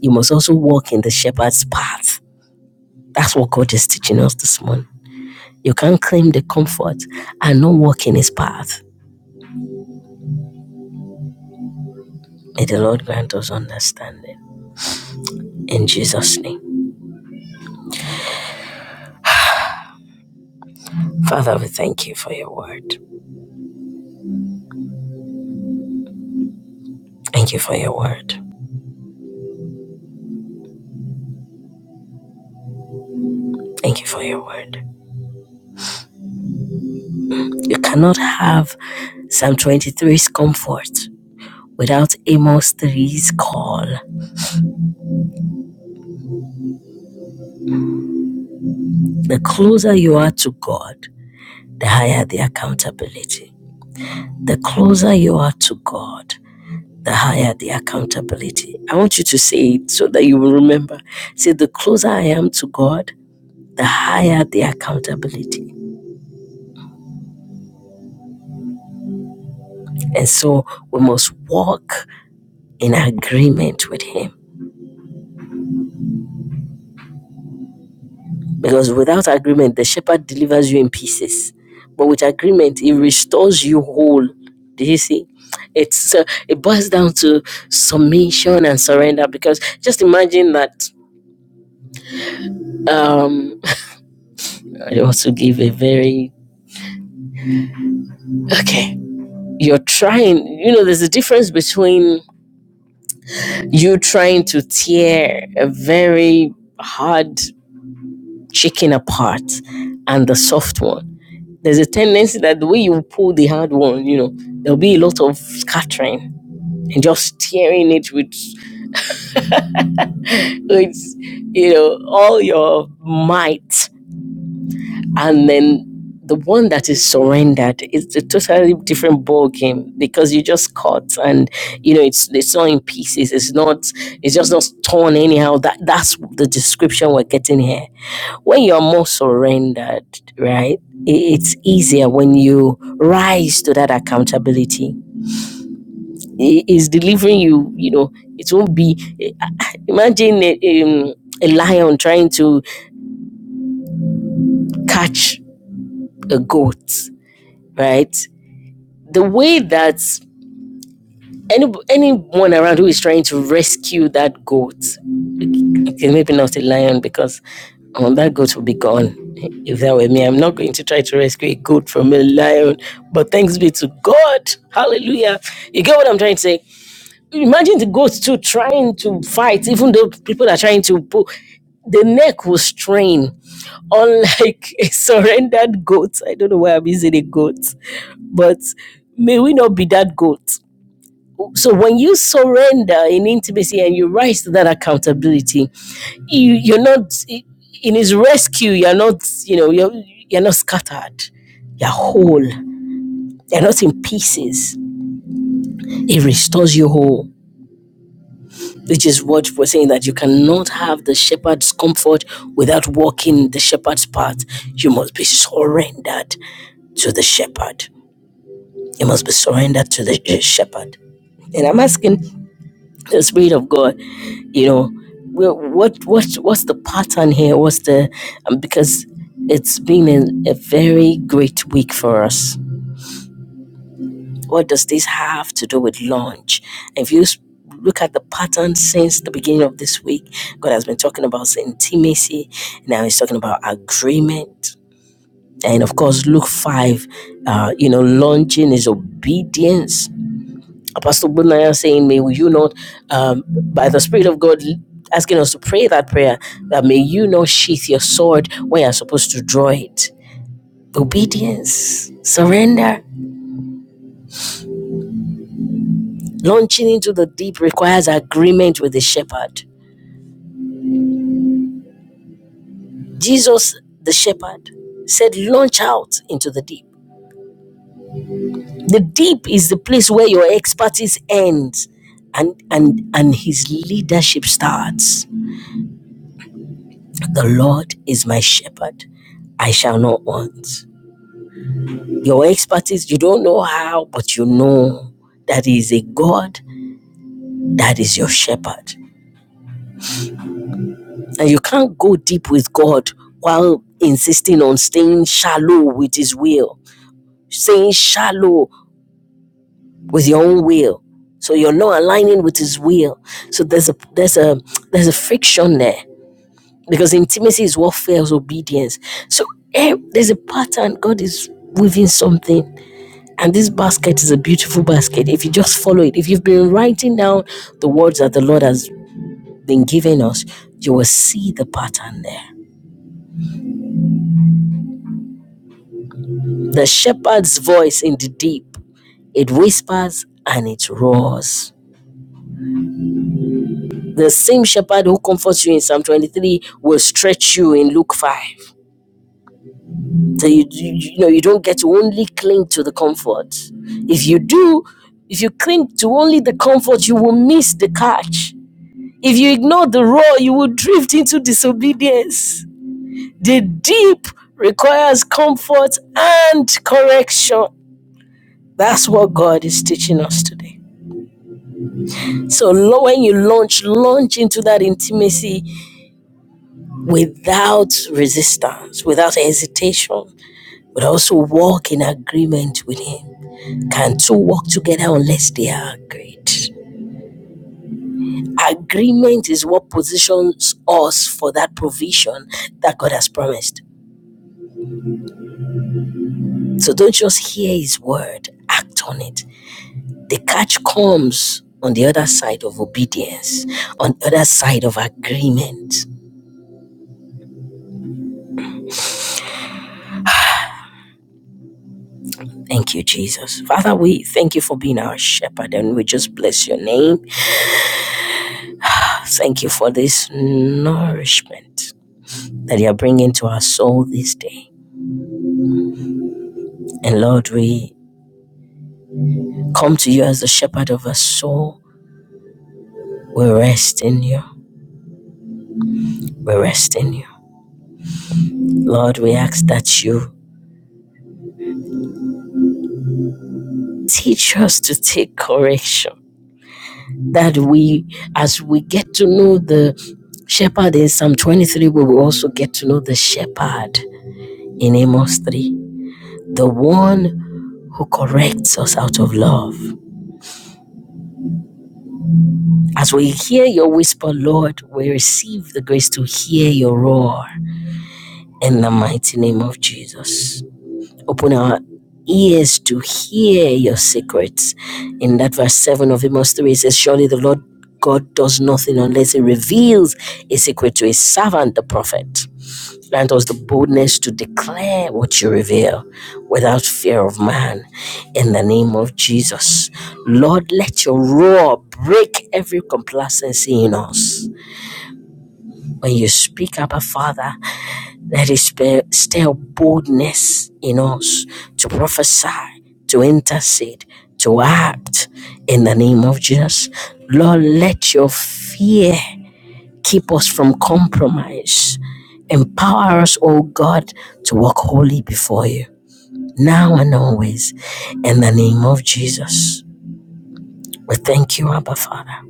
you must also walk in the shepherd's path. That's what God is teaching us this morning. You can't claim the comfort and not walk in his path. May the Lord grant us understanding. In Jesus' name. Father, we thank you for your word. Thank you for your word. Thank you for your word. You cannot have Psalm twenty-three's comfort without Amos three's call. The closer you are to God, the higher the accountability. The closer you are to God, the higher the accountability. I want you to say it so that you will remember. Say, the closer I am to God, the higher the accountability. And so we must walk in agreement with Him. Because without agreement, the shepherd delivers you in pieces. But with agreement, He restores you whole. Do you see? It's uh, it boils down to submission and surrender. Because just imagine that. Um, I also give a very okay. You're trying. You know, there's a difference between you trying to tear a very hard chicken apart and the soft one there's a tendency that the way you pull the hard one, you know, there'll be a lot of scattering and just tearing it with, with you know, all your might. And then the one that is surrendered is a totally different ball game because you just cut and you know it's it's not in pieces. It's not it's just not torn anyhow. That that's the description we're getting here. When you're more surrendered, right? It's easier when you rise to that accountability He is delivering you, you know, it won't be. eh, Imagine a, um, a lion trying to catch a goat, right? The way that any, anyone around who is trying to rescue that goat, okay, maybe not a lion because um, that goat will be gone. If that were me, I'm not going to try to rescue a goat from a lion, but thanks be to God. Hallelujah. You get what I'm trying to say? Imagine the goats too trying to fight, even though people are trying to pull. The neck will strain, unlike a surrendered goat. I don't know why I'm using a goat, but may we not be that goat. So when you surrender in intimacy and you rise to that accountability, you, you're not in his rescue. You're not, you know, you're you're not scattered. You're whole. You're not in pieces. He restores you whole. which is what we're saying that you cannot have the shepherd's comfort without walking the shepherd's path. You must be surrendered to the shepherd. You must be surrendered to the uh, shepherd. And I'm asking the Spirit of God, you know, well, what what what's the pattern here? What's the um, because it's been a, a very great week for us What does this have to do with launch? If you look at the pattern since the beginning of this week, God has been talking about intimacy. Now he's talking about agreement. And of course, Luke 5, uh, you know, launching is obedience. Apostle Bunaya saying, May you not, um, by the Spirit of God, asking us to pray that prayer, that may you not sheath your sword when you're supposed to draw it. Obedience, surrender Launching into the deep requires agreement with the shepherd. Jesus, the shepherd, said, Launch out into the deep. The deep is the place where your expertise ends and, and, and his leadership starts. The Lord is my shepherd. I shall not want. Your expertise, you don't know how, but you know that He is a God that is your shepherd. And you can't go deep with God while insisting on staying shallow with His will staying shallow with your own will. So you're not aligning with his will. So there's a there's a there's a friction there because intimacy is what fails obedience. So eh, there's a pattern. God is weaving something, and this basket is a beautiful basket. If you just follow it, if you've been writing down the words that the Lord has been giving us, you will see the pattern there. The shepherd's voice in the deep it whispers and it roars. The same shepherd who comforts you in Psalm 23 will stretch you in Luke 5. So you, you, you know you don't get to only cling to the comfort. If you do, if you cling to only the comfort, you will miss the catch. If you ignore the roar, you will drift into disobedience. The deep requires comfort and correction. That's what God is teaching us today. So lo- when you launch, launch into that intimacy without resistance, without hesitation, but also walk in agreement with Him. Can two walk together unless they are agreed? Agreement is what positions us for that provision that God has promised. So don't just hear His word, act on it. The catch comes on the other side of obedience, on the other side of agreement. Thank you, Jesus. Father, we thank you for being our shepherd and we just bless your name. Thank you for this nourishment that you are bringing to our soul this day. And Lord, we come to you as the shepherd of our soul. We rest in you. We rest in you. Lord, we ask that you teach us to take correction. That we, as we get to know the shepherd in Psalm 23, we will also get to know the shepherd in Amos 3, the one who corrects us out of love As we hear your whisper, Lord, we receive the grace to hear your roar in the mighty name of Jesus. Open our ears to hear your secrets. In that verse 7 of Amos 3, it says, Surely the Lord God does nothing unless he reveals a secret to his servant, the prophet. Grant us the boldness to declare what you reveal without fear of man. In the name of Jesus. Lord, let your roar break every complacency in us. When you speak, Abba Father, let it spe- stir boldness in us to prophesy, to intercede, to act. In the name of Jesus. Lord, let your fear Keep us from compromise. Empower us, O God, to walk holy before you, now and always. In the name of Jesus, we thank you, Abba Father.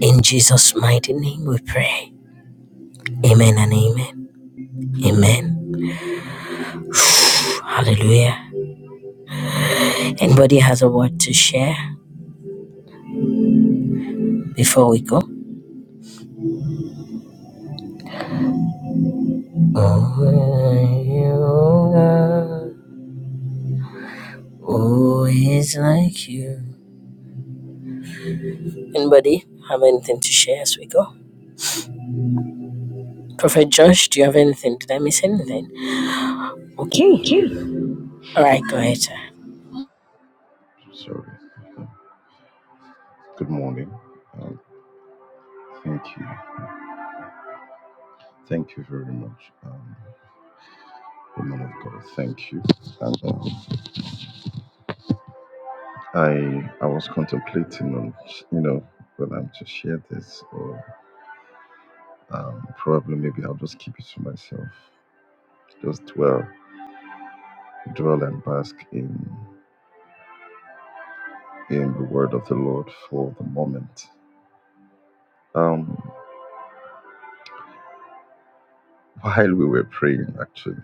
In Jesus' mighty name we pray. Amen and amen. Amen. Hallelujah. Anybody has a word to share before we go? Oh, oh, it's like you? Anybody have anything to share as we go? Prophet Josh, do you have anything? Did I miss anything? Okay. All right, go ahead. sir.
Maybe I'll just keep it to myself. Just dwell, dwell and bask in in the word of the Lord for the moment. Um, while we were praying, actually,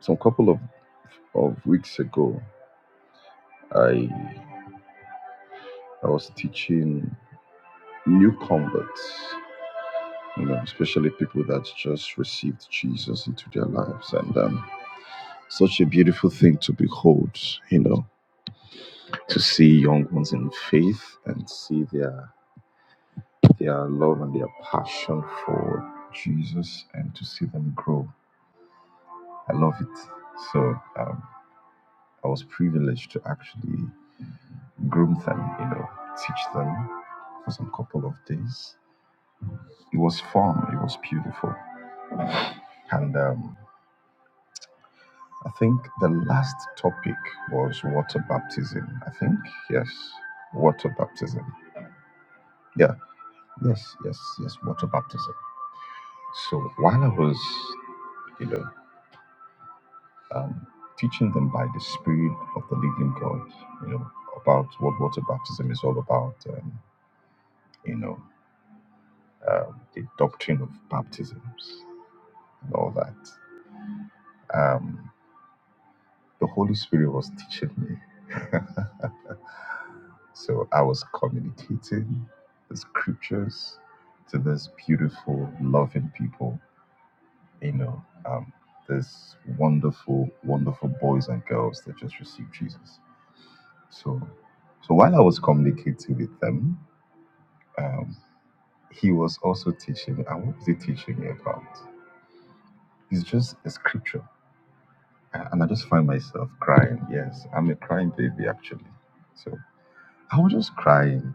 some couple of, of weeks ago, I I was teaching new converts, you know, especially people that just received Jesus into their lives, and um, such a beautiful thing to behold, you know, to see young ones in faith and see their their love and their passion for Jesus and to see them grow. I love it. So um, I was privileged to actually groom them, you know, teach them for some couple of days. It was fun, it was beautiful. And um, I think the last topic was water baptism. I think, yes, water baptism. Yeah, yes, yes, water baptism. So while I was, you know, teaching them by the Spirit of the Living God, you know, about what water baptism is all about, um, you know, um, the doctrine of baptisms and all that. Um, the Holy Spirit was teaching me. So I was communicating the scriptures to this beautiful, loving people, you know, um, this wonderful, wonderful boys and girls that just received Jesus. So, so while I was communicating with them, um, he was also teaching, and what was he teaching me about? It's just a scripture. And I just find myself crying. Yes, I'm a crying baby, actually. So I was just crying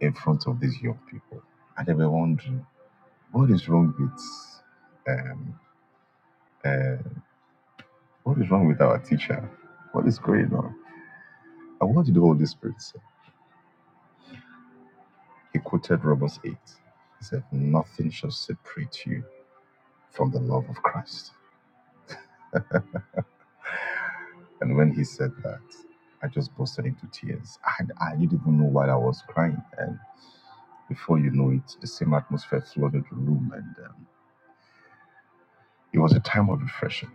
in front of these young people. And they were wondering, what is wrong with, um, uh, what is wrong with our teacher? What is going on? And what did the Holy Spirit say? He quoted Romans 8. He said, nothing shall separate you from the love of Christ. And when he said that, I just busted into tears. And I didn't even know why I was crying. And before you know it, the same atmosphere flooded the room. And um, it was a time of refreshing.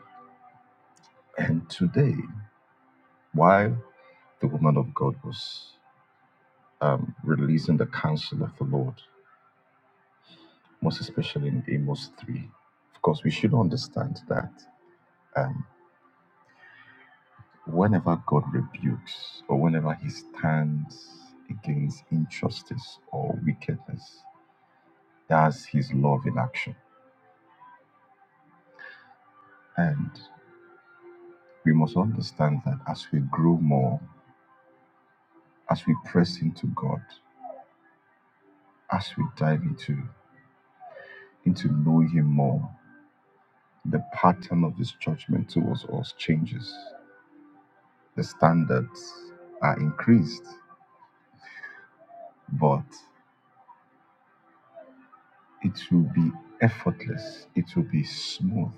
And today, while the woman of God was um, releasing the counsel of the Lord, most especially in Amos 3, of course, we should understand that um, whenever God rebukes or whenever he stands against injustice or wickedness, That's His love in action. And we must understand that as we grow more, as we press into God, as we dive into into knowing Him more, the pattern of His judgment towards us changes. The standards are increased, but it will be effortless. It will be smooth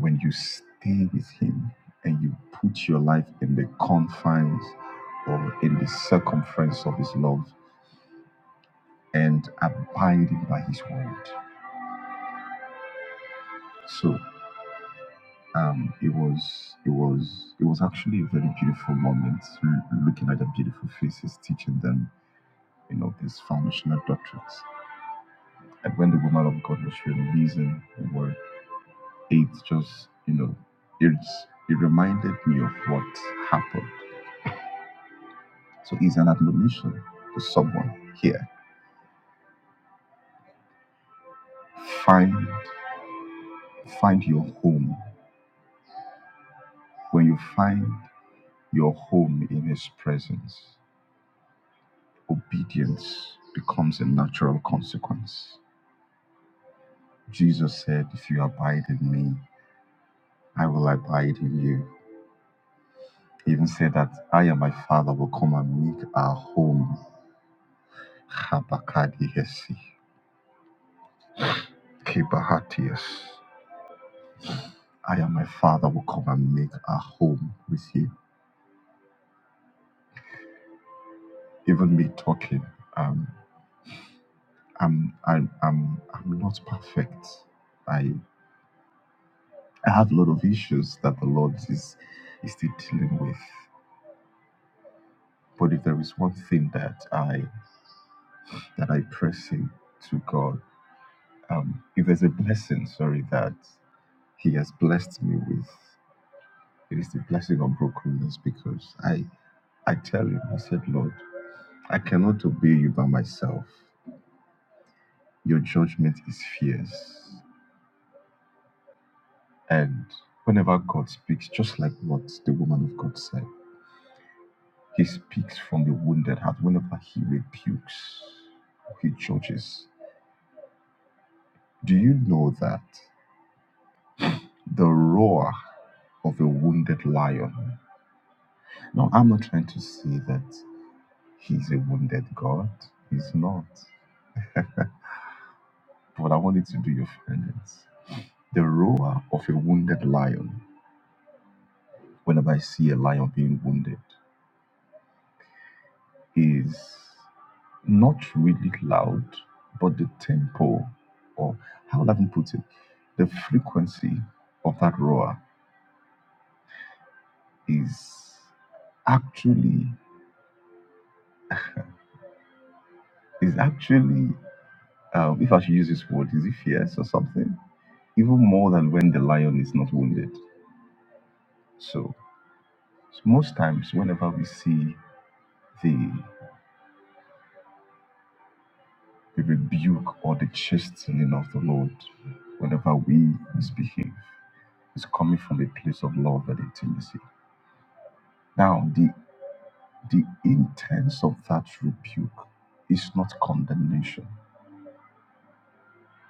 when you stay with Him and you put your life in the confines or in the circumference of His love and abiding by his word. So um, it was it was it was actually a very beautiful moment l- looking at the beautiful faces teaching them you know these foundational doctrines. And when the woman of God was releasing the word, it just you know it's it reminded me of what happened. So it's an admonition to someone here. Find find your home. When you find your home in his presence, obedience becomes a natural consequence. Jesus said, If you abide in me, I will abide in you. He even said that I and my Father will come and make our home. kebahatias. I and my Father will come and make our home with you. Even me talking, um, I'm, I'm, I'm, I'm not perfect. I, I have a lot of issues that the Lord is, is still dealing with. But if there is one thing that I that I press him to God, um, if there's a blessing, sorry, that He has blessed me with, it is the blessing of brokenness because I I tell him, I said, Lord, I cannot obey you by myself. Your judgment is fierce. And whenever God speaks, just like what the woman of God said, He speaks from the wounded heart. Whenever He rebukes, He judges. Do you know that the roar of a wounded lion. Now, I'm not trying to say that he's a wounded God. He's not. But I want you to do your findings. The roar of a wounded lion, whenever I see a lion being wounded, is not really loud, but the tempo, or how would I even put it, the frequency of that roar is actually, is actually, um, if I should use this word, is it fierce or something? even more than when the lion is not wounded. So, so most times, whenever we see the, the rebuke or the chastening of the Lord, whenever we misbehave, it's coming from a place of love and intimacy. Now, the the intents of that rebuke is not condemnation.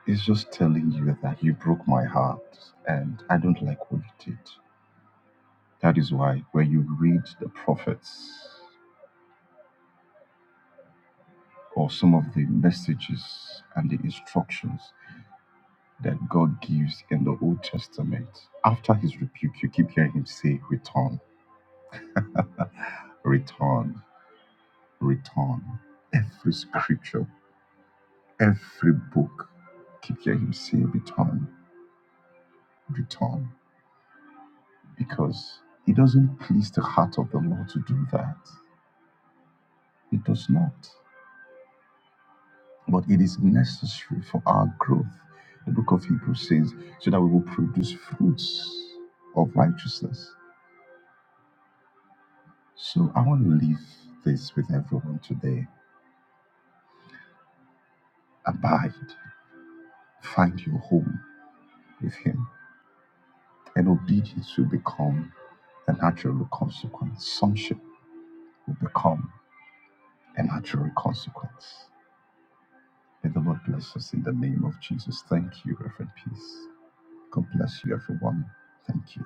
It's just telling you that you broke my heart and I don't like what you did. That is why when you read the prophets, or some of the messages and the instructions that God gives in the Old Testament. After his rebuke, you keep hearing him say, Return, return, return. Every scripture, every book, keep hearing him say, Return, return. Because it doesn't please the heart of the Lord to do that. It does not. But it is necessary for our growth. The book of Hebrews says, so that we will produce fruits of righteousness So I want to leave this with everyone today. Abide, find your home with Him, and obedience will become a natural consequence. Sonship will become a natural consequence. May the Lord bless us in the name of Jesus. Thank you, Reverend Peace. God bless you, everyone. Thank you.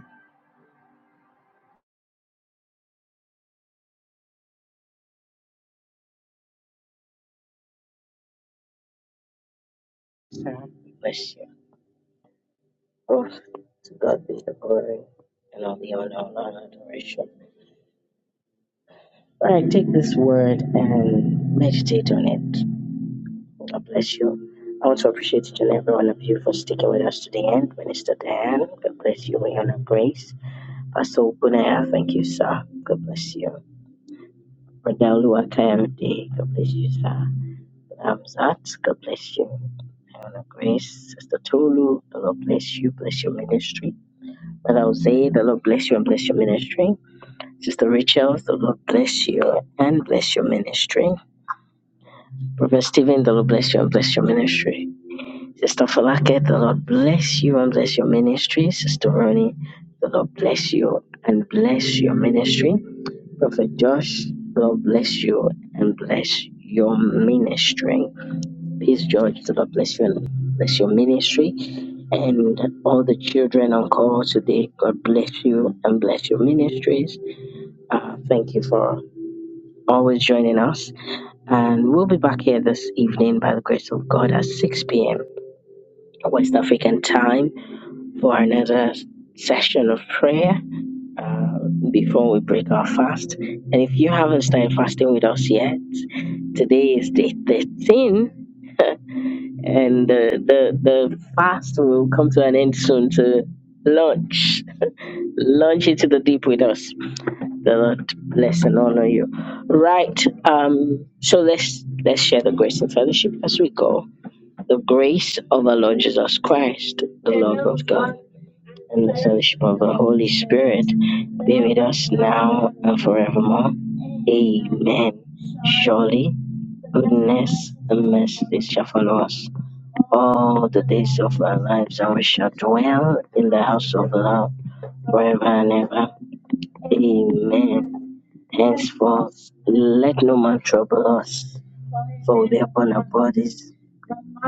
Um, bless you. Oh, to God be the glory and all the honor, honor and all adoration. All right, take this word and meditate on it. God bless you. I want to appreciate each and every one of you for sticking with us to the end. Minister Dan, God bless you. We honor grace. Pastor Ogunaya, thank you, sir. God bless you. Brother Luakayamide, God bless you, sir. Amzat, God bless you. Lord grace, Sister Tolu. The Lord bless you, bless your ministry. Brother Jose, the Lord bless you and bless your ministry. Sister Rachel, the Lord bless you and bless your ministry. Brother Stephen, the Lord bless you and bless your ministry. Sister Falake, the Lord bless you and bless your ministry. Sister Ronnie, the Lord bless you and bless your ministry. Prophet Josh, the Lord bless you and bless your ministry. Peace, George. The Lord bless you and bless your ministry and all the children on call today. God bless you and bless your ministries. Uh, thank you for always joining us. And we'll be back here this evening by the grace of God at 6 p.m. West African time for another session of prayer uh, before we break our fast. And if you haven't started fasting with us yet, today is day 13 and the the the fast will come to an end soon to launch launch into the deep with us the lord bless and honor you right um so let's let's share the grace and fellowship as we go the grace of our lord jesus christ the love of god and the fellowship of the holy spirit be with us now and forevermore amen surely goodness and mercy shall follow us all the days of our lives, and we shall dwell in the house of the Lord forever and ever. Amen. Henceforth, let no man trouble us, for we bear upon our bodies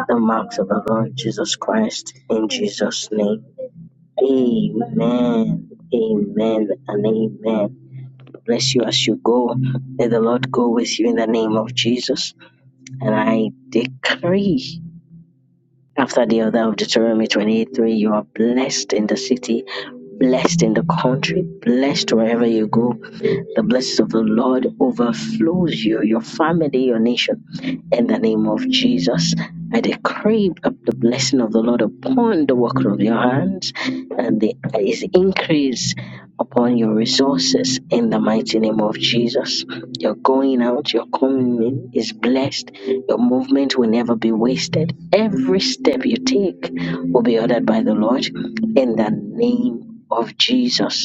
the marks of the Lord Jesus Christ. In Jesus' name, Amen. Amen and amen. Bless you as you go. May the Lord go with you in the name of Jesus. And I decree after the other of Deuteronomy 23, you are blessed in the city, blessed in the country, blessed wherever you go, the blessings of the Lord overflows you, your family, your nation. In the name of Jesus, I decree up the blessing of the Lord upon the work of your hands and the his increase upon your resources in the mighty name of Jesus. Your going out, your coming in is blessed. Your movement will never be wasted. Every step you take will be ordered by the Lord in the name of Jesus.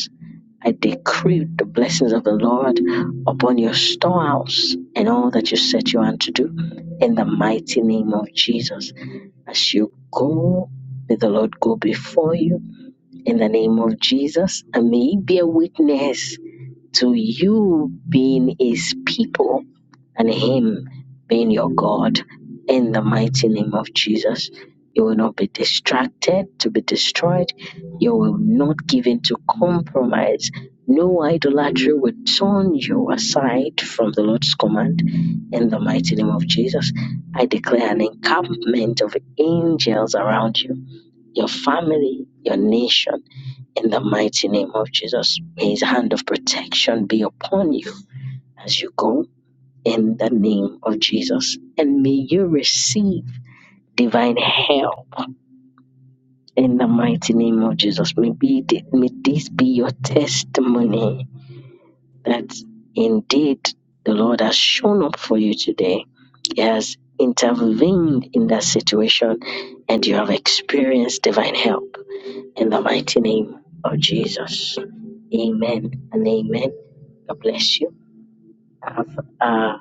I decree the blessings of the Lord upon your storehouse and all that you set your hand to do in the mighty name of Jesus. As you go, may the Lord go before you in the name of Jesus and may He be a witness to you being his people and him being your God in the mighty name of Jesus. You will not be distracted to be destroyed. You will not give in to compromise. No idolatry will turn you aside from the Lord's command in the mighty name of Jesus. I declare an encampment of angels around you, your family, your nation in the mighty name of Jesus, may his hand of protection be upon you as you go in the name of Jesus. And may you receive divine help in the mighty name of Jesus. May, be, may this be your testimony that indeed the Lord has shown up for you today. He has intervened in that situation and you have experienced divine help in the mighty name of Jesus. Amen and amen. God bless you. Have a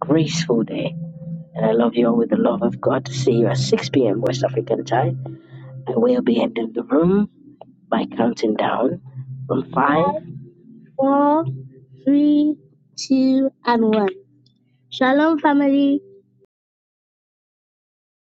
graceful day. And I love you all with the love of God. See you at 6 p.m. West African time. I will be ending the room by counting down from 5, 4, 3, 2, and 1. Shalom, family.